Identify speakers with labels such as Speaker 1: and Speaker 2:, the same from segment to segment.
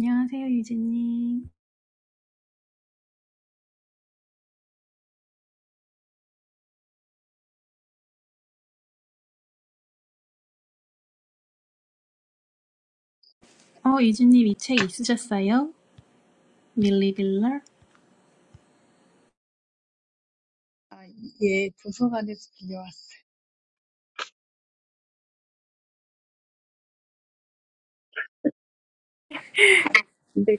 Speaker 1: 안녕하세요, 유진님. 어, 유진님 이 책 있으셨어요? 밀리 빌러?
Speaker 2: 아, 예, 도서관에서 빌려왔어요. 근데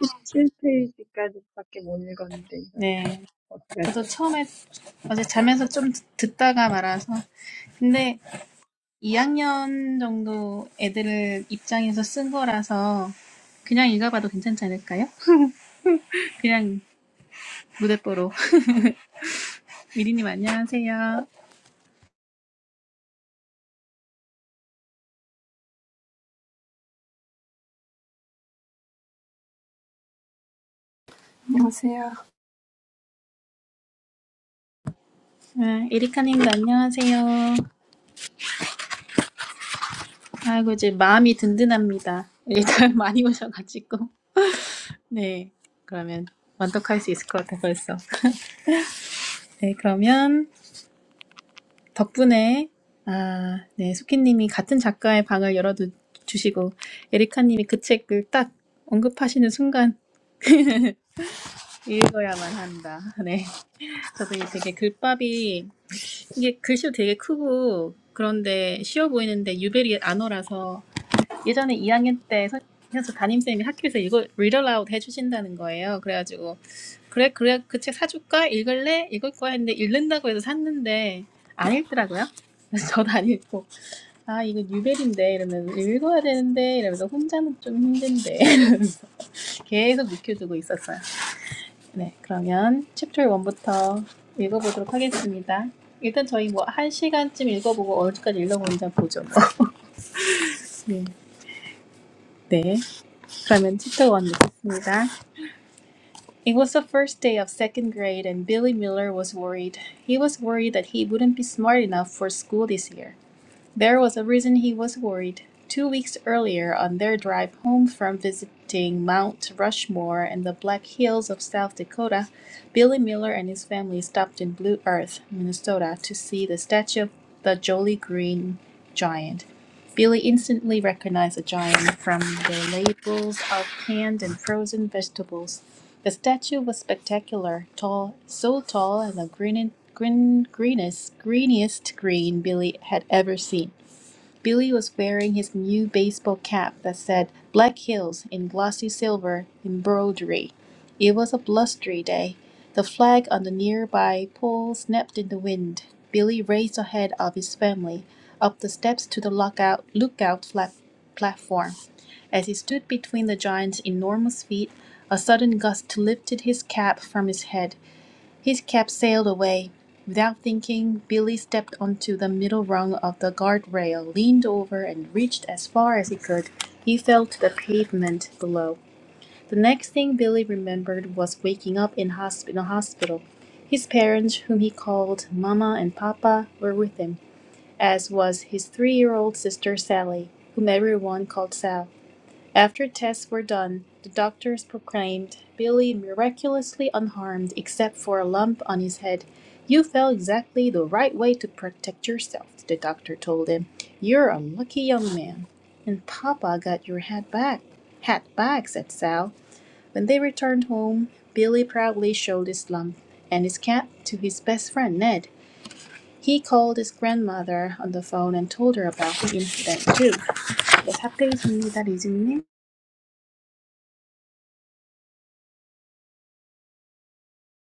Speaker 2: 17페이지까지밖에 못 읽었는데, 이거
Speaker 1: 네. 저도
Speaker 2: 어떡하죠?
Speaker 1: 처음에 어제 자면서 좀 듣- 듣다가 말아서. 근데 2학년 정도 애들 입장에서 쓴 거라서 그냥 읽어봐도 괜찮지 않을까요? 그냥 무대뽀로. 미리님 안녕하세요.
Speaker 3: 안녕하세요.
Speaker 1: 아, 에리카님도 안녕하세요. 아이고, 이제 마음이 든든합니다. 일단 많이 오셔가지고. 네, 그러면 완독할 수 있을 것 같아 벌써. 네, 그러면 덕분에 아, 네, 소키님이 같은 작가의 방을 열어주시고 에리카님이 그 책을 딱 언급하시는 순간 읽어야만 한다. 네, 저도 이게 되게 글밥이 이게 글씨도 되게 크고 그런데 쉬워 보이는데 유베리 안어라서 예전에 이 학년 때 선- 그래서 담임쌤이 학교에서 이거 read aloud 해주신다는 거예요. 그래가지고 그래 그래 그 책 사줄까? 읽을래? 읽을 거야 했는데 읽는다고 해서 샀는데 안 읽더라고요. 그래서 저도 안 읽고 아 이거 뉴벨인데 이러면서 읽어야 되는데 이러면서 혼자는 좀 힘든데 계속 묵혀두고 있었어요. 네 그러면 챕터 1부터 읽어보도록 하겠습니다. 일단 저희 뭐 한 시간쯤 읽어보고 어디까지 읽어보는지 보죠. 뭐. 네. 네. 그러면 챕터 1 읽겠습니다. It was the first day of second grade, and Billy Miller was worried. He was worried that he wouldn't be smart enough for school this year. There was a reason he was worried. Two weeks earlier, on their drive home from visiting Mount Rushmore and the Black Hills of South Dakota, Billy Miller and his family stopped in Blue Earth, Minnesota, to see the statue of the Jolly Green Giant. Billy instantly recognized the giant from the labels of canned and frozen vegetables. The statue was spectacular, tall, so tall and the green, green, greenest, greeniest green Billy had ever seen. Billy was wearing his new baseball cap that said Black Hills in glossy silver embroidery. It was a blustery day. The flag on the nearby pole snapped in the wind. Billy raced ahead of his family up the steps to the lookout, lookout flat, platform. As he stood between the giant's enormous feet, a sudden gust lifted his cap from his head. His cab sailed away. Without thinking, Billy stepped onto the middle rung of the guardrail, leaned over, and reached as far as he could. He fell to the pavement below. The next thing Billy remembered was waking up in, hosp- in a hospital. His parents, whom he called Mama and Papa, were with him, as was his three year old sister Sally, whom everyone called Sal. After tests were done, the doctors proclaimed Billy miraculously unharmed except for a lump on his head. You fell exactly the right way to protect yourself, the doctor told him. You're a lucky young man. And Papa got your hat back. Hat back, said Sal. When they returned home, Billy proudly showed his lump and his cap to his best friend Ned. He called his grandmother on the phone and told her about the incident too. What happened to 네, 사페이십니다, 리즈님.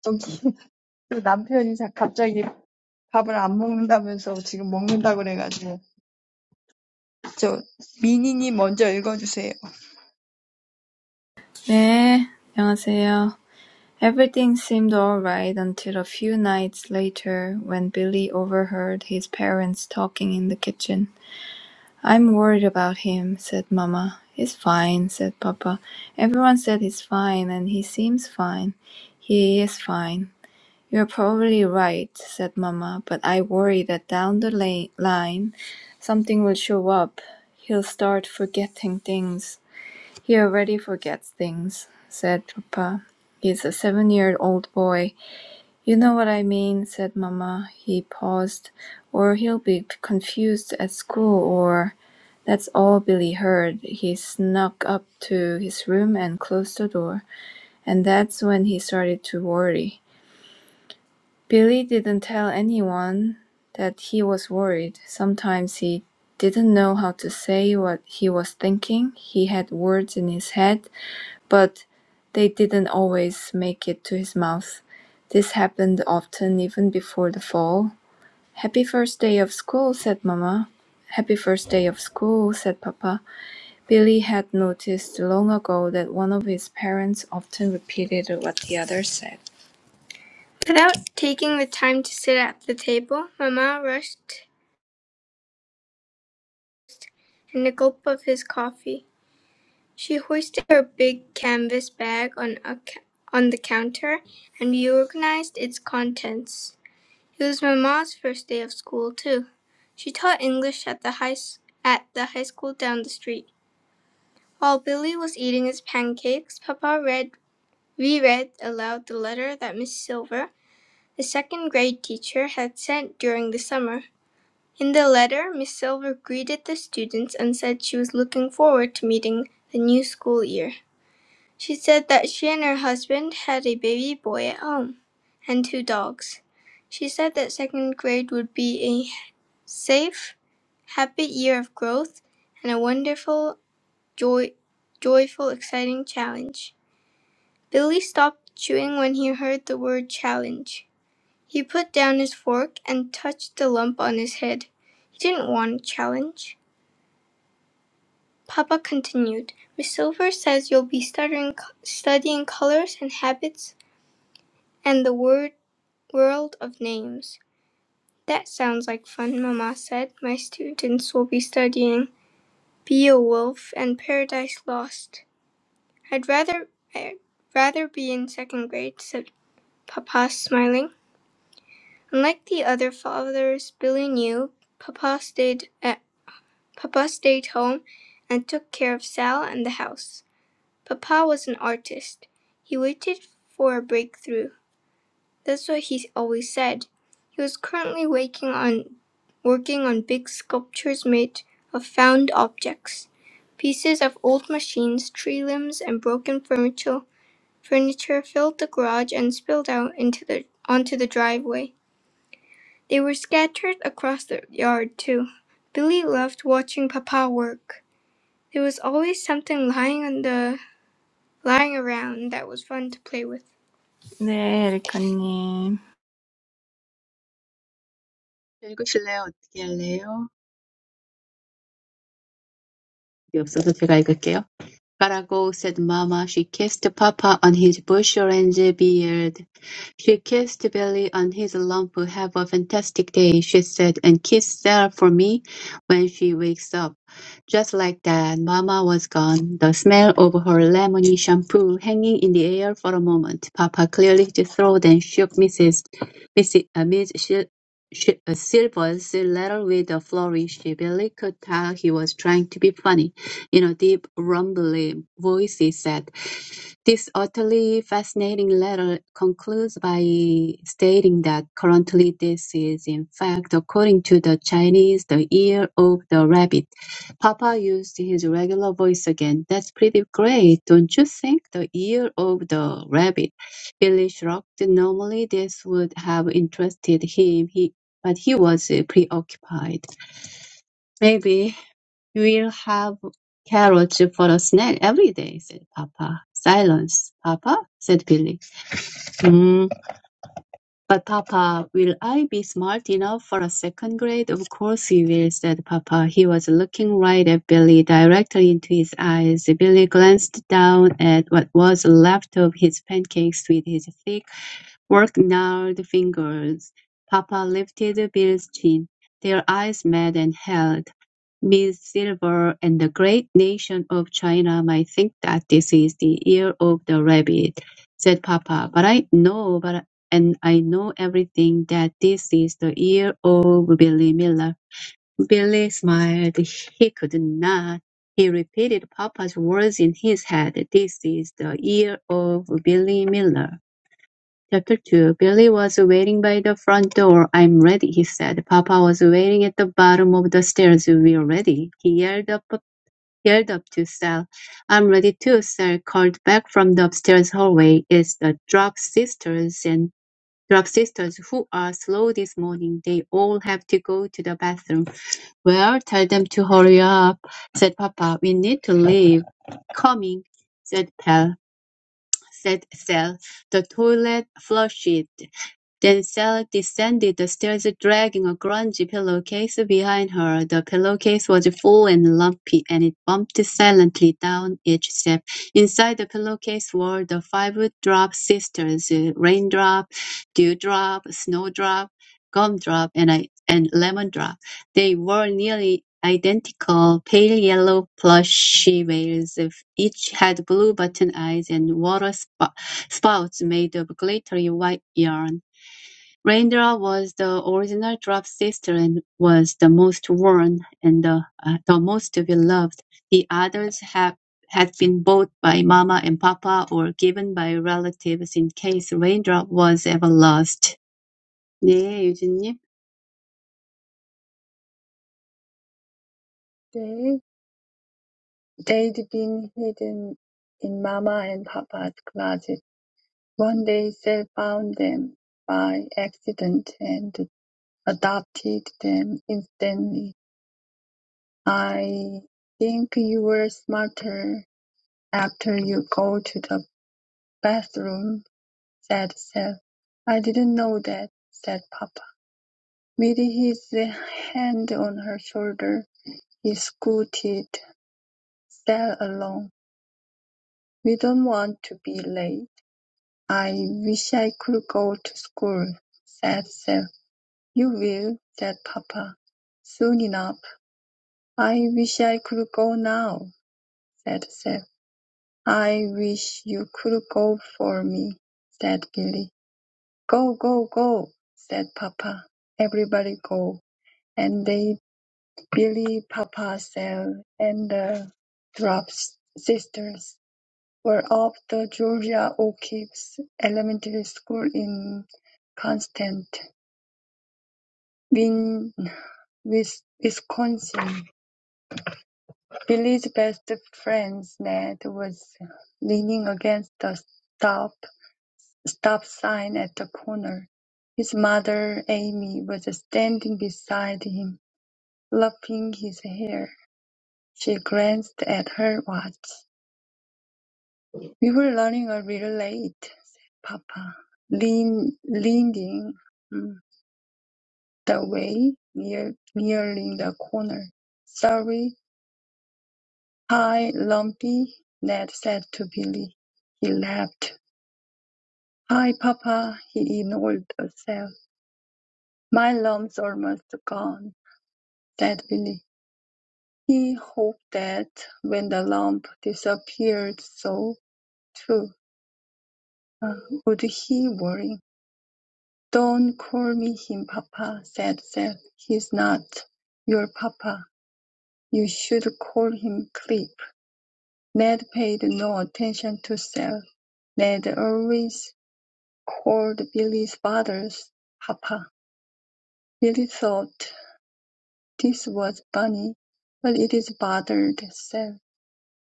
Speaker 2: 저기, 또 남편이 자- 갑자기 밥을 안 먹는다면서 지금 먹는다고 그래가지고, 저, 미니님 먼저 읽어주세요.
Speaker 3: 네, 안녕하세요. Everything seemed all right until a few nights later when Billy overheard his parents talking in the kitchen. I'm worried about him, said Mama. He's fine, said Papa. Everyone said he's fine, and he seems fine. He is fine. You're probably right, said Mama, but I worry that down the la- line something will show up. He'll start forgetting things. He already forgets things, said Papa. He's a seven-year-old boy. You know what I mean, said Mamma. He paused. Or he'll be confused at school, or... That's all Billy heard. He snuck up to his room and closed the door, and that's when he started to worry. Billy didn't tell anyone that he was worried. Sometimes he didn't know how to say what he was thinking. He had words in his head but they didn't always make it to his mouth. This happened often even before the fall. Happy first day of school, said Mama. Happy first day of school, said Papa. Billy had noticed long ago that one of his parents often repeated what the other said. Mama rushed in a gulp of his coffee. She hoisted her big canvas bag on, a, ca- on the counter and reorganized its contents. It was my mom's first day of school, too. She taught English at the high at the high school down the street. While Billy was eating his pancakes, Papa read reread aloud the letter that Miss Silver, the second grade teacher, had sent during the summer. In the letter, Miss Silver greeted the students and said she was looking forward to meeting the new school year. She said that she and her husband had a baby boy at home and two dogs. She said that second grade would be a safe, happy year of growth and a wonderful, joy, joyful, exciting challenge. Billy stopped chewing when he heard the word challenge. He put down his fork and touched the lump on his head. He didn't want a challenge. Papa continued, Miss Silver says you'll be studying, studying colors and habits and the word, world of names. That sounds like fun, Mama said. My students will be studying "Beowulf" and "Paradise Lost". "I'd rather I'd rather be in second grade," said Papa, smiling. Unlike the other fathers Billy knew, Papa stayed at Papa stayed home and took care of Sal and the house. Papa was an artist. He waited for a breakthrough. That's what he always said. He was currently working on working on big sculptures made of found objects, pieces of old machines, tree limbs, and broken furniture. Furniture filled the garage and spilled out into the onto the driveway. They were scattered across the yard too. Billy loved watching Papa work. There was always something lying on the lying around that was fun to play with. 네, 에리카님.
Speaker 4: 읽으실래요? 어떻게 할래요? 여기 없어서 제가 읽을게요. "Gotta go," said mamma. She kissed papa on his bush orange beard. She kissed Billy on his lump. "Have a fantastic day," she said, "and kiss Sarah for me when she wakes up." Just like that, mamma was gone, the smell of her lemony shampoo hanging in the air for a moment. Papa cleared his throat and shook Mrs. Mrs. Uh, Miss Sil- Sil- uh, Silver's letter with a flourish. Billy could tell he was trying to be funny you know, deep, rumbly voices said, This utterly fascinating letter concludes by stating that currently this is, in fact, according to the Chinese, the year of the rabbit. Papa used his regular voice again. That's pretty great, don't you think? The year of the rabbit. Billy shrugged. Normally, this would have interested him, he, but he was preoccupied. Maybe "We'll have carrots for a snack every day," said papa. "Silence, papa," said Billy. "Mm, but papa, will I be smart enough for a second grade? Of course you will, said papa. He was looking right at Billy, directly into his eyes. Billy glanced down at what was left of his pancakes with his thick, work gnarled fingers. Papa lifted Bill's chin. Their eyes met and held. Ms. Silver and the great nation of China might think that this is the year of the rabbit, said Papa. But I know, but and I know everything that this is the year of Billy Miller. Billy smiled. He could not. He repeated Papa's words in his head. This is the year of Billy Miller. Chapter 2 Billy was waiting by the front door. I'm ready, he said. Papa was waiting at the bottom of the stairs. We're ready, he yelled up, yelled up to Sal. I'm ready too, Sal called back from the upstairs hallway. It's the Drop Sisters and Drop Sisters who are slow this morning. They all have to go to the bathroom. Well, tell them to hurry up, said Papa. We need to leave. Coming, said Pal, said Sal. The toilet flushed then Sally descended the stairs dragging a grungy pillowcase behind her. The pillowcase was full and lumpy, and it bumped silently down each step. Inside the pillowcase were the five drop sisters, raindrop, dewdrop, snowdrop, gumdrop, and, I, and lemon They wore nearly identical pale yellow plushy veils. Each had blue button eyes and water spou- spouts made of glittery white yarn. Rendra was the original Drop sister and was the most worn and the, uh, the most beloved. The others have, had been bought by Mama and Papa or given by relatives in case Rendra was ever lost. 네, 유진님.
Speaker 2: There, they'd been hidden in Mama and Papa's closet. One day, Sal found them by accident and adopted them instantly. I think you were smarter after you go to the bathroom," said Seth. "I didn't know that," said Papa. With his hand on her shoulder, he scooted Seth along. "We don't want to be late. I wish I could go to school," said Seth. "You will," said Papa, "soon enough." "I wish I could go now," said Seth. "I wish you could go for me," said Billy. "Go, go, go," said Papa. Everybody go, and they Billy, Papa, Sal, and the Thorpe sisters were off to Georgia O'Keeffe's elementary school in Constant-Win, Wis- Wisconsin. Billy's best friend Ned was leaning against the stop stop sign at the corner. His mother, Amy, was standing beside him. Fluffing his hair, she glanced at her watch. "We were running a little late," said Papa, lean- leading mm, the way, near- nearing the corner. "Sorry. Hi, Lumpy," Ned said to Billy. He laughed. "Hi, Papa," he ignored the cell. "My lump's almost gone," said Billy. He hoped that when the lump disappeared so, too. Would he worry? "Don't call me him, papa," said Seth. "He's not your papa. You should call him Clip." Ned paid no attention to Seth. Ned always called Billy's father's "papa." Billy thought this was funny, but it is bothered Seth.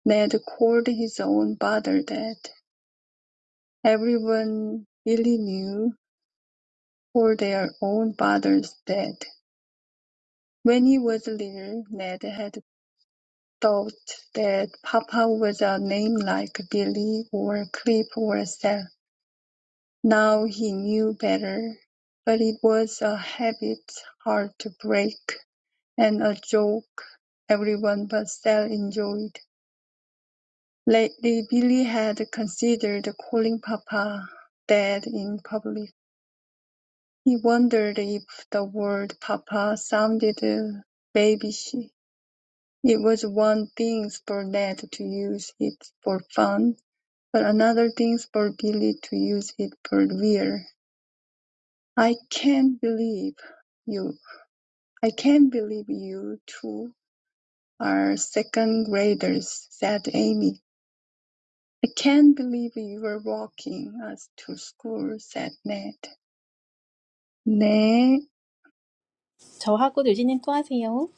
Speaker 2: Ned called his own father "Dad." Everyone Billy knew called their own fathers "Dad." When he was little, Ned had thought that Papa was a name like Billy or Clip or Sal. Now he knew better, but it was a habit hard to break, and a joke everyone but Sal enjoyed. Lately Billy had considered calling Papa Dad in public. He wondered if the word Papa sounded uh, babyish. It was one thing for Ned to use it for fun, but another thing for Billy to use it for real. "I can't believe you I can't believe you two are second graders," said Amy. "I can't believe you were walking us to school," said Ned. "Nay,
Speaker 1: 저하고 유진님 또 하세요.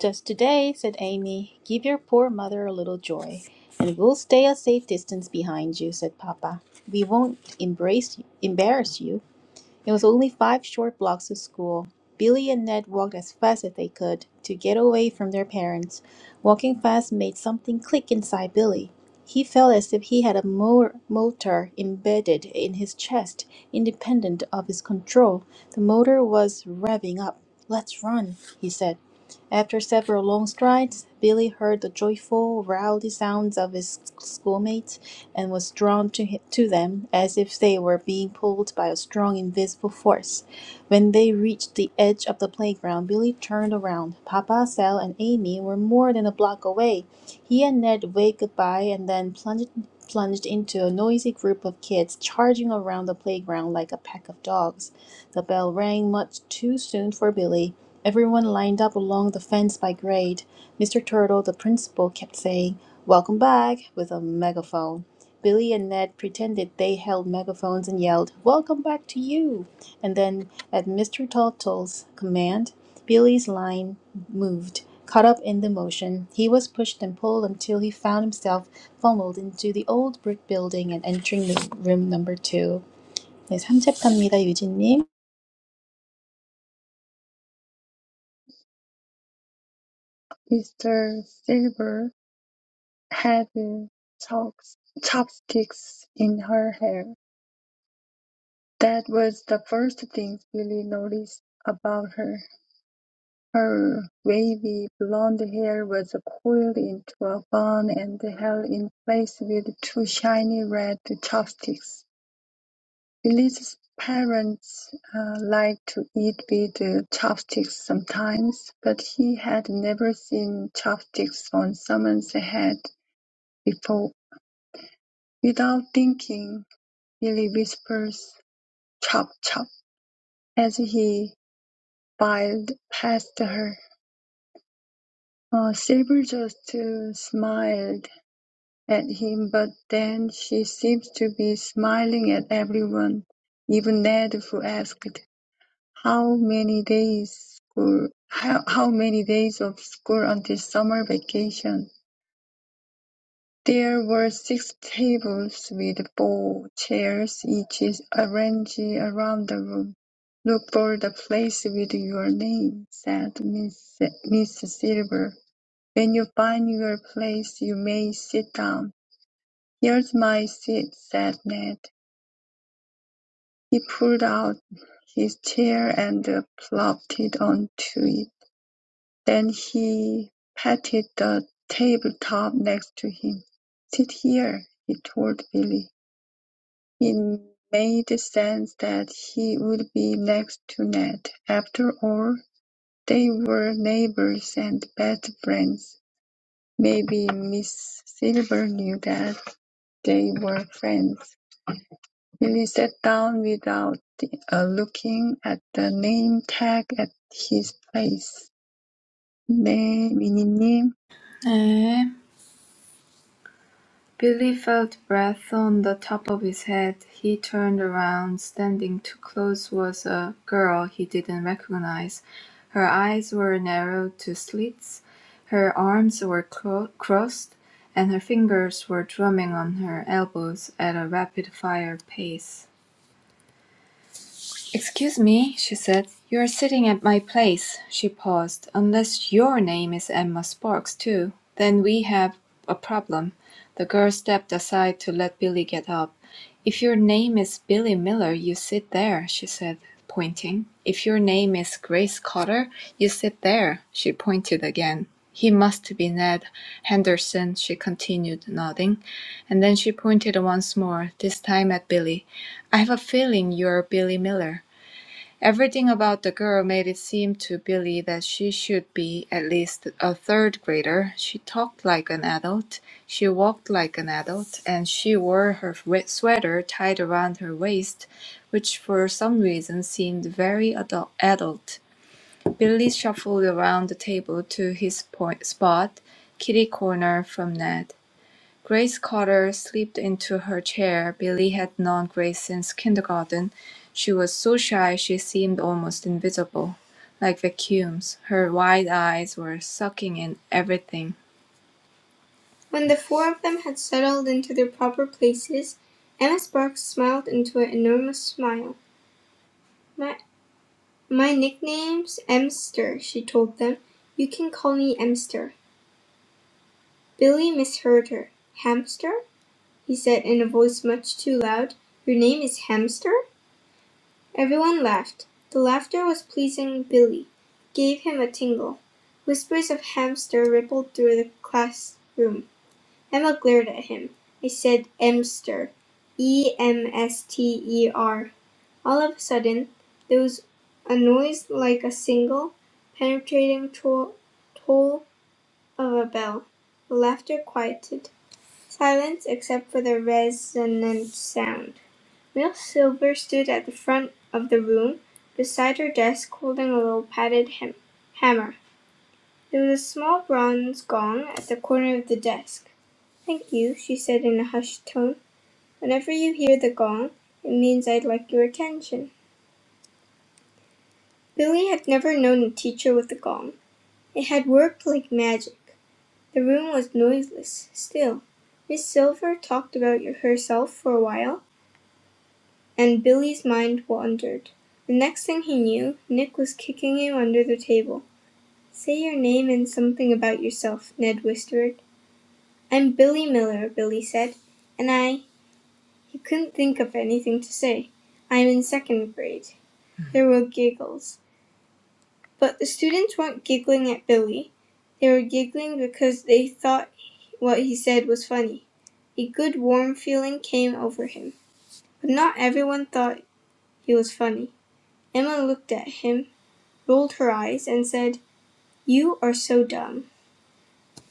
Speaker 1: Just today, said Amy, give your poor mother a little joy. And we'll stay a safe distance behind you, said Papa. We won't embrace you, embarrass you it was only five short blocks to school. Billy and Ned walked as fast as they could to get away from their parents. Walking fast made something click inside Billy. He felt as if he had a mo- motor embedded in his chest, independent of his control. The motor was revving up. Let's run, he said. After several long strides, Billy heard the joyful, rowdy sounds of his schoolmates and was drawn to, hi- to them as if they were being pulled by a strong invisible force. When they reached the edge of the playground, Billy turned around. Papa, Sal, and Amy were more than a block away. He and Ned waved goodbye and then plunged, plunged into a noisy group of kids charging around the playground like a pack of dogs. The bell rang much too soon for Billy. Everyone lined up along the fence by grade. Mr. Turtle, the principal, kept saying, "Welcome back!" with a megaphone. Billy and Ned pretended they held megaphones and yelled, "Welcome back to you!" And then, at Mr. Turtle's command, Billy's line moved. Caught up in the motion, he was pushed and pulled until he found himself funneled into the old brick building and entering the room number two. 네, 3챕터입니다, 유진님.
Speaker 2: Mr. Silver had chopsticks in her hair. That was the first thing Billy noticed about her: her wavy blonde hair was coiled into a bun and held in place with two shiny red chopsticks. Billy's parents uh, liked to eat with uh, chopsticks sometimes, but he had never seen chopsticks on someone's head before. Without thinking, Billy whispers, "Chop, chop," as he filed past her. Uh, Silver just uh, smiled at him, but then she seems to be smiling at everyone, even Ned, who asked, "How many days school? How, how many days of school until summer vacation?" There were six tables with four chairs each arranged around the room. Look for the place with your name, said Miss, Miss Silver. When you find your place you may sit down." "Here's my seat," said Ned. He pulled out his chair and plopped it onto it. Then he patted the tabletop next to him. "Sit here," he told Billy. It made sense that he would be next to Ned. After all, they were neighbors and best friends. Maybe Miss Silver knew that. They were friends. Lily sat down without uh, looking at the name tag at his place. 네, 미니님.
Speaker 3: 네. Billy felt breath on the top of his head. He turned around. Standing too close was a girl he didn't recognize. Her eyes were narrowed to slits, her arms were cro- crossed, and her fingers were drumming on her elbows at a rapid fire pace. "Excuse me," she said, "you are sitting at my place." She paused. "Unless your name is Emma Sparks, too. Then we have a problem." The girl stepped aside to let Billy get up. "If your name is Billy Miller, you sit there," she said, pointing. "If your name is Grace Cotter, you sit there." She pointed again. "He must be Ned Henderson," she continued, nodding. And then she pointed once more, this time at Billy. "I've a feeling you're Billy Miller. Everything about the girl made it seem to Billy that she should be at least a third grader. She talked like an adult, she walked like an adult, and she wore her wet sweater tied around her waist, which for some reason seemed very adult. adult. Billy shuffled around the table to his point spot, kitty corner from Ned. Grace Carter slipped into her chair. Billy had known Grace since kindergarten. She was so shy she seemed almost invisible, like vacuums. Her wide eyes were sucking in everything. When the four of them had settled into their proper places, Emma Sparks smiled into an enormous smile. My, my nickname's Emster, she told them. You can call me Emster. Billy misheard her. Hamster? he said in a voice much too loud. "Your name is Hamster?" Everyone laughed. The laughter was pleasing Billy, gave him a tingle. Whispers of "Hamster" rippled through the classroom. Emma glared at him. "I said 'Emster,' E m s t e r." All of a sudden there was a noise like a single, penetrating toll toll of a bell. The laughter quieted. Silence except for the resonant sound. Miss Silver stood at the front of the room, beside her desk holding a little padded hem- hammer. There was a small bronze gong at the corner of the desk. "Thank you," she said in a hushed tone. "Whenever you hear the gong, it means I'd like your attention." Billy had never known a teacher with a gong. It had worked like magic. The room was noiseless, still. Miss Silver talked about herself for a while. And Billy's mind wandered. The next thing he knew, Nick was kicking him under the table. "Say your name and something about yourself," Ned whispered. "I'm Billy Miller," Billy said, "and I"—he couldn't think of anything to say—"I'm in second grade." There were giggles. But the students weren't giggling at Billy. They were giggling because they thought what he said was funny. A good warm feeling came over him. But not everyone thought he was funny. Emma looked at him. rolled her eyes, and said, You are so dumb.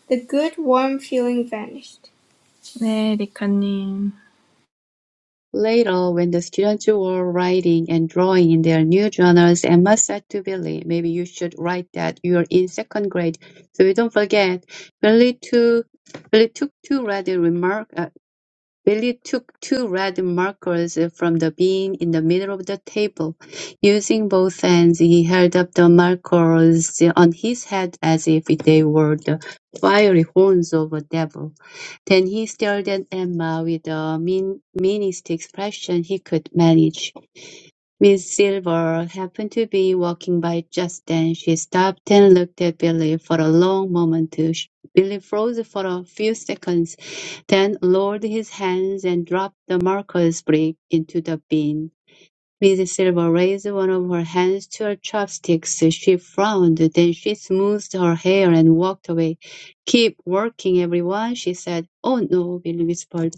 Speaker 3: The good, warm feeling vanished. 네, 리카님.
Speaker 4: Later, when the students were writing and drawing in their new journals, Emma said to Billy, maybe you should write that you're in second grade, so you don't forget. Billy too Billy took to ready remark, uh, Billy took two red markers from the bin in the middle of the table. Using both hands, he held up the markers on his head as if they were the fiery horns of a devil. Then he stared at Emma with the mean, meanest expression he could manage. Miss Silver happened to be walking by just then. She stopped and looked at Billy for a long moment. Billy froze for a few seconds, then lowered his hands and dropped the marker's brick into the bin. Miss Silver raised one of her hands to her chopsticks. She frowned, then she smoothed her hair and walked away. Keep working, everyone, she said. Oh no, Billy whispered.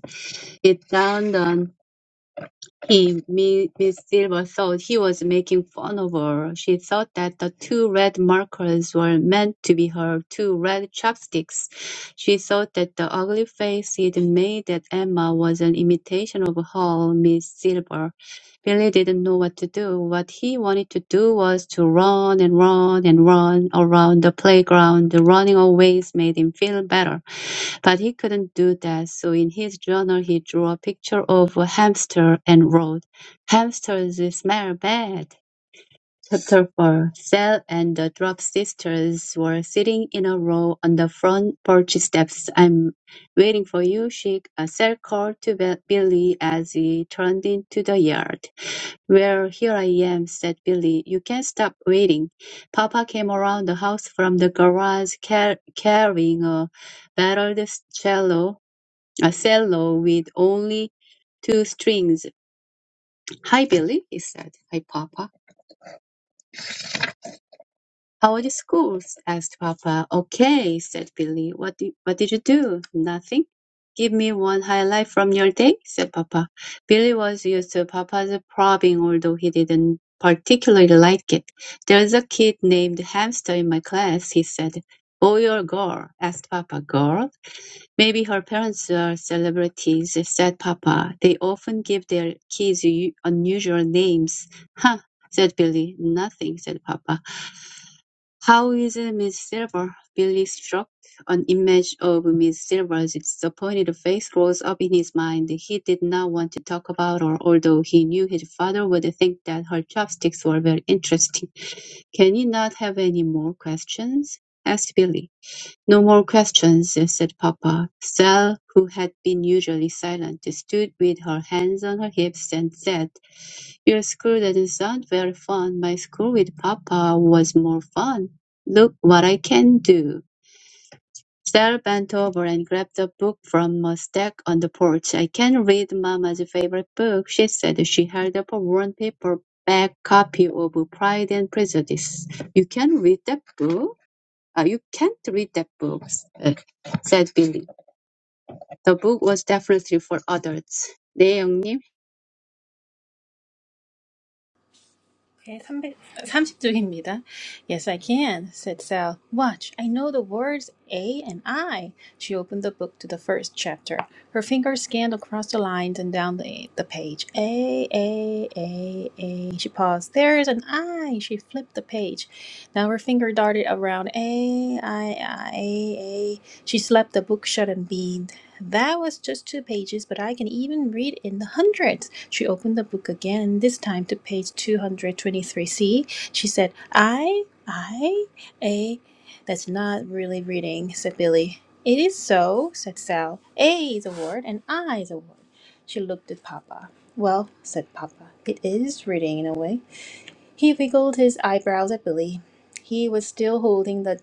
Speaker 4: It dawned on he, Mi- Miss Silver thought he was making fun of her. She thought that the two red markers were meant to be her two red chopsticks. She thought that the ugly face he'd made at Emma was an imitation of her, Miss Silver. Billy didn't know what to do. What he wanted to do was to run and run and run around the playground. Running always made him feel better. But he couldn't do that, so in his journal he drew a picture of a hamster and wrote, Hamsters smell bad. Chapter 4 Sal and the Drop sisters were sitting in a row on the front porch steps. I'm waiting for you, she uh, Sal called to Be- Billy as he turned into the yard. Well, here I am, said Billy. You can't stop waiting. Papa came around the house from the garage car- carrying a battered cello, a cello with only two strings. Hi, Billy, he said. Hi, Papa. How are the schools? asked Papa. Okay, said Billy. What did, what did you do? Nothing. Give me one highlight from your day, said Papa. Billy was used to Papa's probing, although he didn't particularly like it. There's a kid named Hamster in my class, he said. Boy or girl? asked Papa. Girl? Maybe her parents are celebrities, said Papa. They often give their kids u- unusual names. Huh, said Billy. Nothing, said Papa. How is Miss Silver? Billy shrugged. An image of Miss Silver's disappointed face rose up in his mind. He did not want to talk about her, although he knew his father would think that her chopsticks were very interesting. Can you not have any more questions? asked Billy. "No more questions," said papa. Sal, who had been usually silent, stood with her hands on her hips and said, "Your school doesn't sound very fun. My school with papa was more fun. Look what I can do." Sal bent over and grabbed a book from a stack on the porch. "I can read Mama's favorite book," she said. She held up a worn paperback copy of Pride and Prejudice. "You can read that book?" Uh, you can't read that book, uh, said Billy. The book was definitely for adults. 네, 형님.
Speaker 1: Okay, 300 30쪽입니다. Yes, I can, said Sal. Watch, I know the words A and I. She opened the book to the first chapter. Her fingers scanned across the lines and down the, the page. A, A, A, A. She paused. There is an I. She flipped the page. Now her finger darted around A, I, I, A, A. She slapped the book shut and beamed. That was just two pages, but I can even read in the hundreds. She opened the book again, this time to page 223c. She said, I, I, a. That's not really reading, said Billy. It is so, said Sal. A is a word and I is a word. She looked at Papa. Well, said Papa, it is reading in a way. He wiggled his eyebrows at Billy. He was still holding the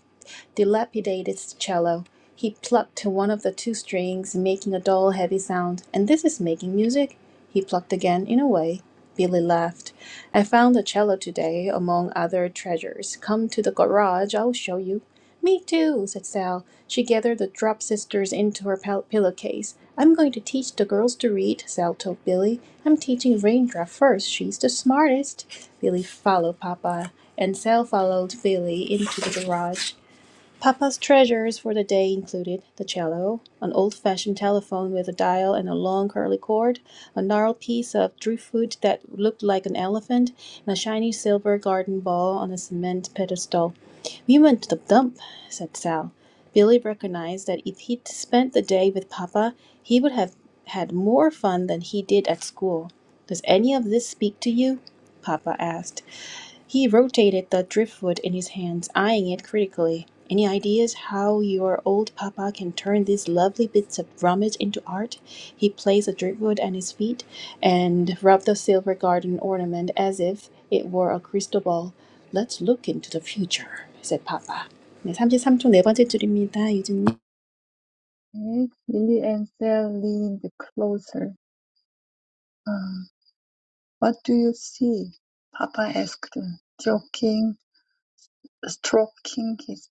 Speaker 1: dilapidated cello. He plucked to one of the two strings, making a dull, heavy sound. And this is making music? He plucked again in a way. Billy laughed. I found a cello today among other treasures. Come to the garage, I'll show you. Me too, said Sal. She gathered the drop sisters into her pillowcase. I'm going to teach the girls to read, Sal told Billy. I'm teaching Raindrop first. She's the smartest. Billy followed Papa, and Sal followed Billy into the garage. Papa's treasures for the day included the cello, an old fashioned telephone with a dial and a long curly cord, a gnarled piece of driftwood that looked like an elephant, and a shiny silver garden ball on a cement pedestal. We went to the dump, said Sal. Billy recognized that if he'd spent the day with Papa, he would have had more fun than he did at school. Does any of this speak to you? Papa asked. He rotated the driftwood in his hands, eyeing it critically. Any ideas how your old papa can turn these lovely bits of rummage into art? He placed the driftwood at his feet and rubbed the silver garden ornament as if it were a crystal ball. Let's look into the future, said papa. 네, 33쪽 네 번째 줄입니다. 유진님.
Speaker 2: 네, Lily and Sal leaned closer. Uh, what do you see? Papa asked, joking, stroking his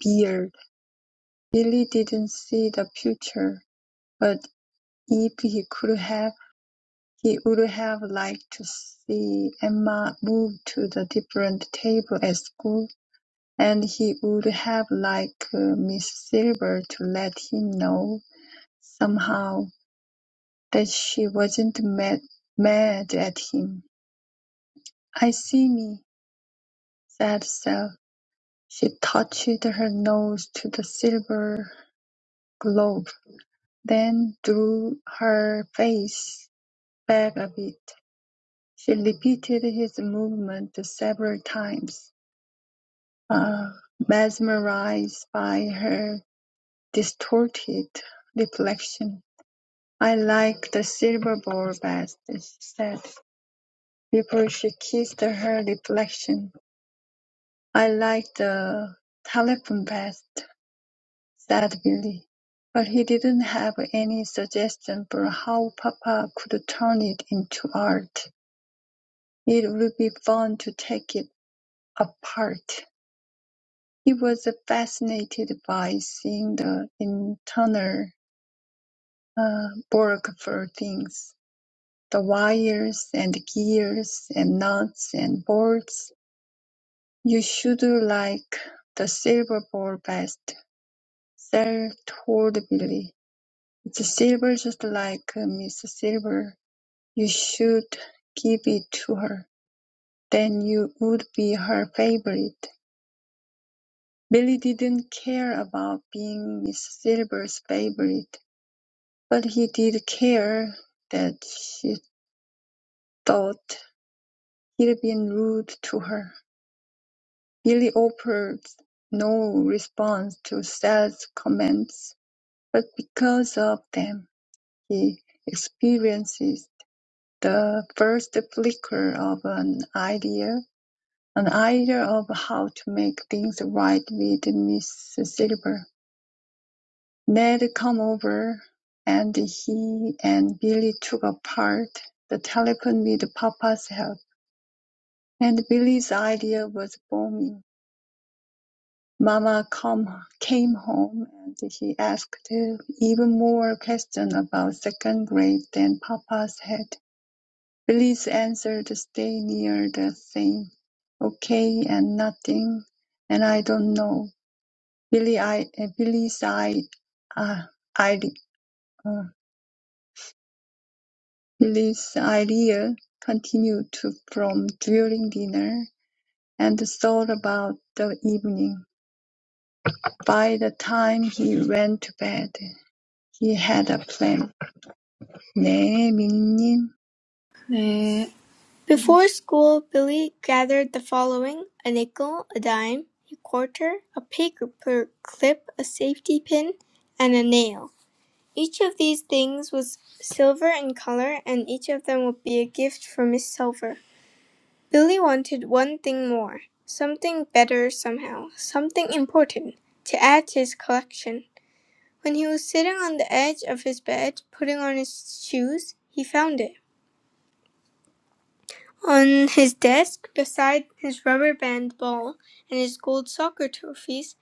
Speaker 2: beard. Lily didn't see the future, but if he could have. He would have liked to see Emma move to the different table at school, and he would have liked uh, Miss Silver to let him know somehow that she wasn't mad, mad at him. "I see me," said Sal. She touched her nose to the silver globe, then drew her face back a bit. She repeated his movement several times. uh, mesmerized by her distorted reflection. I like the silver ball best, she said, before she kissed her reflection. I like the telephone best, said Billy. But he didn't have any suggestion for how Papa could turn it into art. It would be fun to take it apart. He was fascinated by seeing the internal uh, work for things, the wires and gears and nuts and bolts. You should like the silver ball best, Sal told Billy. It's silver just like uh, Miss Silver. You should give it to her. Then you would be her favorite. Billy didn't care about being Miss Silver's favorite, but he did care that she thought He'd been rude to her. Billy offered no response to Sal's comments, but because of them, he experienced the first flicker of an idea, an idea of how to make things right with Miss Silver. Ned come over, and he and Billy took apart the telephone with Papa's help, and Billy's idea was booming. Mama come, came home and he asked even more questions about second grade than Papa's had. Billy's answered stay near the same. Okay and nothing, and I don't know. Billy, I, uh, Billy's I, uh, I, uh, Billy's idea continued to from during dinner and thought about the evening. By the time he went to bed, he had a plan. Amenities
Speaker 3: 네. Before school, Billy gathered the following a nickel, a dime, a quarter, a paper clip, a safety pin, and a nail. Each of these things was silver in color, and each of them would be a gift for Miss Silver. Billy wanted one thing more something better somehow, something important to add to his collection. When he was sitting on the edge of his bed, putting on his shoes, he found it. On his desk, beside his rubber band ball and his gold soccer trophies,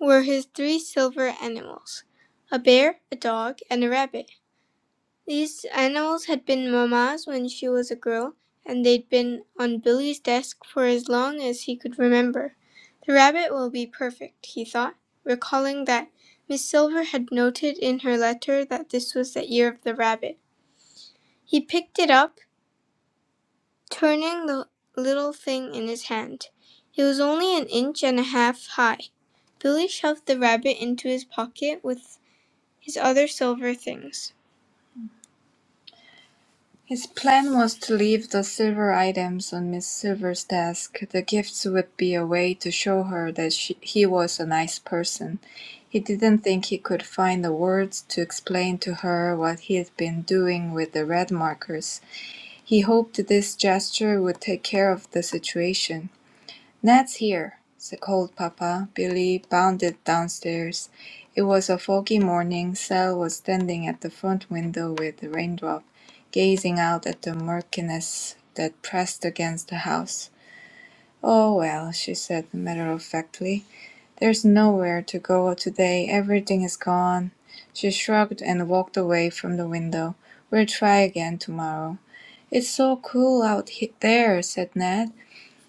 Speaker 3: were his three silver animals a bear, a dog, and a rabbit. These animals had been Mamma's when she was a girl, and they'd been on Billy's desk for as long as he could remember. The rabbit will be perfect, he thought, recalling that Miss Silver had noted in her letter that this was the year of the rabbit. He picked it up, turning the little thing in his hand. It was only an inch and a half high. Billy shoved the rabbit into his pocket with his other silver things. His plan was to leave the silver items on Miss Silver's desk. The gifts would be a way to show her that she, he was a nice person. He didn't think he could find the words to explain to her what he'd been doing with the red markers. He hoped this gesture would take care of the situation. "Ned's here," said Cold Papa. Billy bounded downstairs. It was a foggy morning. Sal was standing at the front window with a raindrop, gazing out at the murkiness that pressed against the house. "Oh, well," she said matter of factly, "there's nowhere to go today. Everything is gone." She shrugged and walked away from the window. "We'll try again tomorrow." "It's so cool out there," said Ned.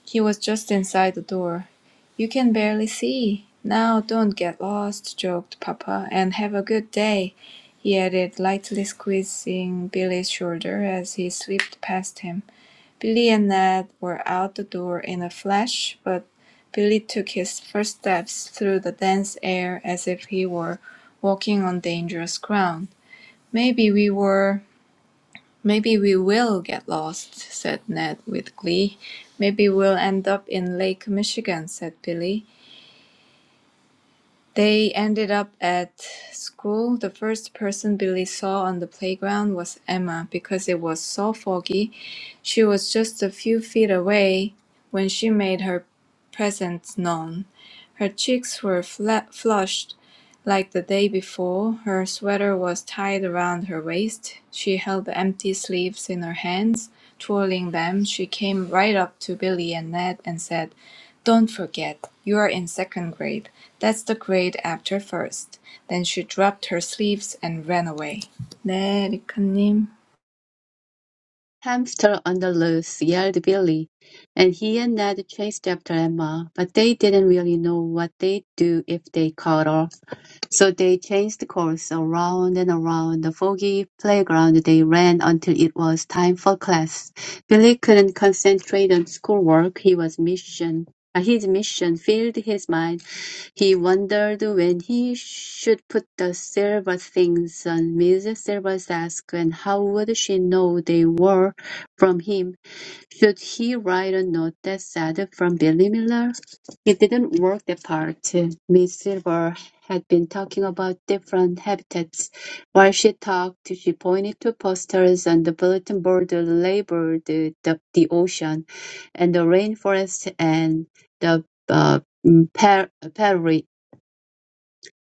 Speaker 3: He was just inside the door. "You can barely see. Now don't get lost," joked Papa, "and have a good day," he added, lightly squeezing Billy's shoulder as he swept past him. Billy and Ned were out the door in a flash, but Billy took his first steps through the dense air as if he were walking on dangerous ground. "Maybe we were "Maybe we will get lost," said Ned with glee. "Maybe we'll end up in Lake Michigan," said Billy. They ended up at school. The first person Billy saw on the playground was Emma because it was so foggy. She was just a few feet away when she made her presence known. Her cheeks were fla- flushed like the day before. Her sweater was tied around her waist. She held the empty sleeves in her hands, twirling them. She came right up to Billy and Ned and said, don't forget, you're in second grade. That's the grade after first. Then she dropped her sleeves and ran away. 네, 리카님.
Speaker 4: Hamster on the loose, yelled Billy, and he and Ned chased after Emma, but they didn't really know what they'd do if they caught her. So they changed course. Around and around the foggy playground they ran until it was time for class. Billy couldn't concentrate on schoolwork. He was mission. uh, His mission filled his mind. He wondered when he should put the silver things on Miss Silver's desk, and how would she know they were from him? Should he write a note that said, "From Billy Miller"? It didn't work that part. Miss Silver had been talking about different habitats. While she talked, she pointed to posters on the bulletin board that labeled the, the ocean and the rainforest and the uh, mm, pra- prairies.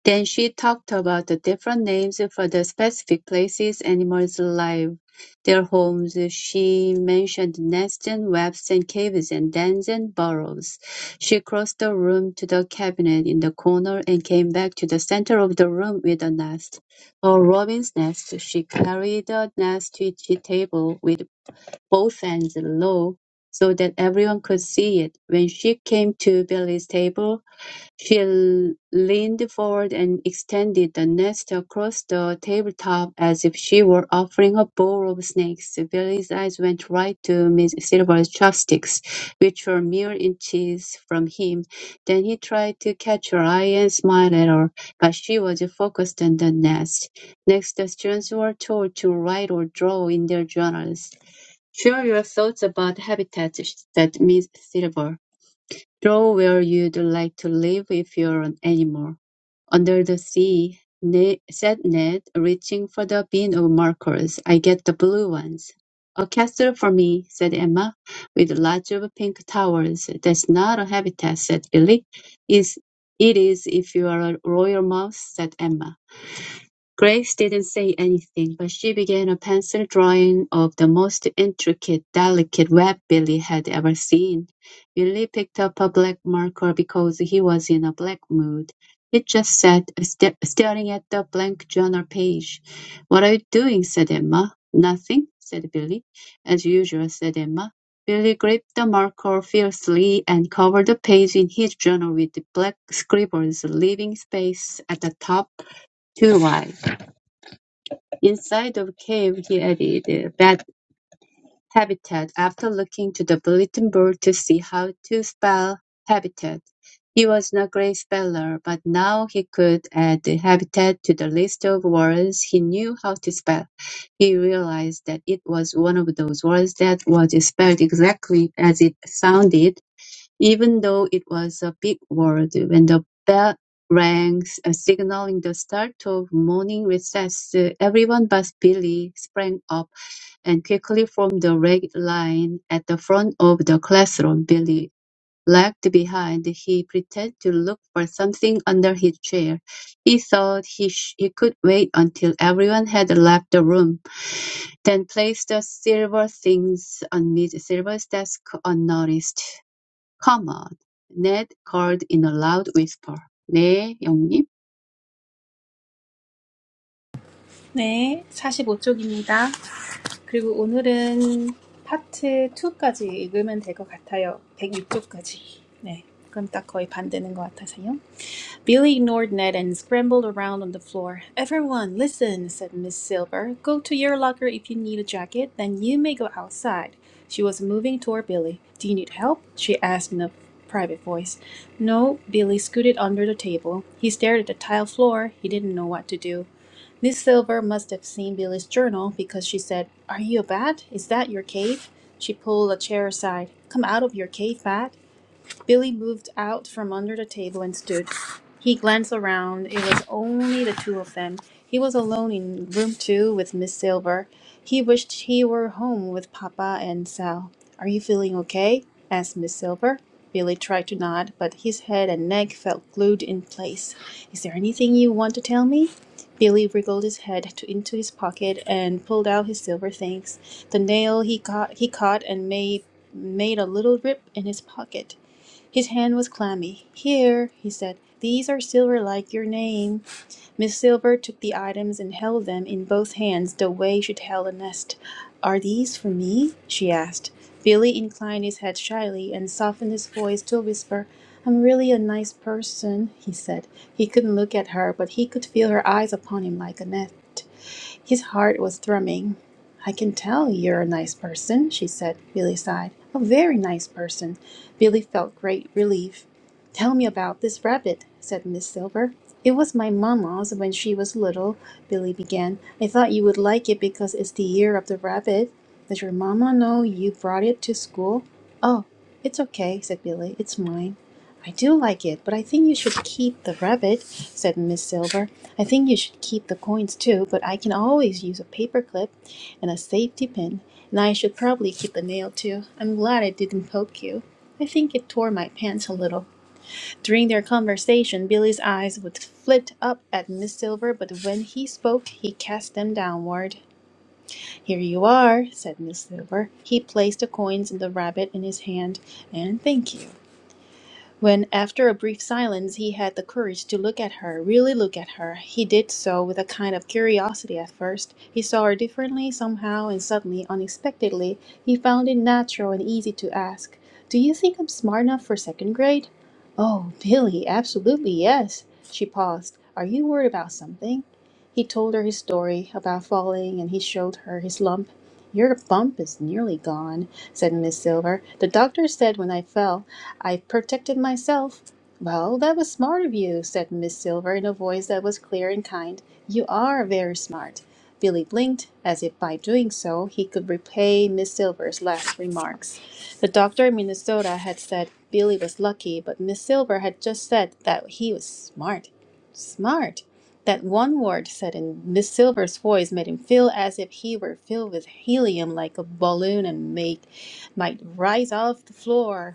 Speaker 4: Then she talked about the different names for the specific places animals live, their homes. She mentioned nests and webs and caves and dens and burrows. She crossed the room to the cabinet in the corner and came back to the center of the room with a nest. A robin's nest. She carried the nest to the table with both ends low so that everyone could see it. When she came to Billy's table, she leaned forward and extended the nest across the tabletop as if she were offering a bowl of snakes. Billy's eyes went right to Miss Silver's chopsticks, which were mere inches from him. Then he tried to catch her eye and smile at her, but she was focused on the nest. Next, the students were told to write or draw in their journals. Share your thoughts about habitats, said Miss Silver. Draw where you'd like to live if you're an animal. Under the sea, Ne- said Ned, reaching for the bin of markers. I get the blue ones. A castle for me, said Emma, with lots of pink towers. That's not a habitat, said Billy. Is it is if you are a royal mouse, said Emma. Graves didn't say anything, but she began a pencil drawing of the most intricate, delicate web Billy had ever seen. Billy picked up a black marker because he was in a black mood. He just sat st- staring at the blank journal page. What are you doing? said Emma. Nothing, said Billy. As usual, said Emma. Billy gripped the marker fiercely and covered the page in his journal with black scribbles, leaving space at the top too wide. Inside of cave, he added bad habitat" after looking to the bulletin board to see how to spell habitat. He was not a great speller, but now he could add habitat to the list of words he knew how to spell. He realized that it was one of those words that was spelled exactly as it sounded even though it was a big world, when the bell rang, uh, signaling the start of morning recess, uh, everyone but Billy sprang up and quickly formed the ragged line at the front of the classroom. Billy lagged behind. He pretended to look for something under his chair. He thought he, sh- he could wait until everyone had left the room, then placed the silver things on Miss Silver's desk unnoticed. "Come on," Ned called in a loud whisper. "네, 영님."
Speaker 1: 네, 사십오 쪽입니다. 그리고 오늘은 파트 2까지 읽으면 될 것 같아요. 백육 쪽까지. 네, 그럼 딱 거의 반 되는 것 같아서요. Billy ignored Ned and scrambled around on the floor. Everyone, listen, said Miss Silver. Go to your locker if you need a jacket, then you may go outside. She was moving toward Billy. Do you need help? she asked in a private voice. No, Billy scooted under the table. He stared at the tile floor. He didn't know what to do. Miss Silver must have seen Billy's journal because she said, Are you a bat? Is that your cave? She pulled a chair aside. Come out of your cave, bat. Billy moved out from under the table and stood. He glanced around. It was only the two of them. He was alone in room two with Miss Silver. He wished he were home with Papa and Sal. Are you feeling okay? asked Miss Silver. Billy tried to nod, but his head and neck felt glued in place. Is there anything you want to tell me? Billy wriggled his head to, into his pocket and pulled out his silver things. The nail he caught, he caught and made made a little rip in his pocket. His hand was clammy. "Here," he said, "these are silver like your name. Miss Silver took the items and held them in both hands the way she'd held a nest. Are these for me? she asked. Billy inclined his head shyly and softened his voice to a whisper. I'm really a nice person, he said. He couldn't look at her, but he could feel her eyes upon him like a net. His heart was thrumming. I can tell you're a nice person, she said. Billy sighed. A very nice person. Billy felt great relief. "Tell me about this rabbit," said Miss Silver. "It was my mamma's when she was little," Billy began. "I thought you would like it because it's the year of the rabbit. Does your mamma know you brought it to school?" "Oh, it's okay," said Billy. "It's mine." "I do like it, but I think you should keep the rabbit," said Miss Silver. "I think you should keep the coins too, but I can always use a paper clip and a safety pin, and I should probably keep the nail too. I'm glad it didn't poke you. I think it tore my pants a little. During their conversation, Billy's eyes would flit up at Miss Silver, but when he spoke, he cast them downward. Here you are, said Miss Silver. He placed the coins in the rabbit in his hand, and thank you. When, after a brief silence, he had the courage to look at her, really look at her, he did so with a kind of curiosity at first. He saw her differently somehow, and suddenly, unexpectedly, he found it natural and easy to ask, Do you think I'm smart enough for second grade? Oh, Billy, absolutely yes. She paused. Are you worried about something? He told her his story about falling, and he showed her his lump. Your bump is nearly gone, said Miss Silver. The doctor said when I fell, I protected myself. Well, that was smart of you, said Miss Silver in a voice that was clear and kind. You are very smart. Billy blinked, as if by doing so he could repay Miss Silver's last remarks. The doctor in Minnesota had said Billy was lucky, but Miss Silver had just said that he was smart. Smart! That one word said in Miss Silver's voice made him feel as if he were filled with helium like a balloon and make, might rise off the floor.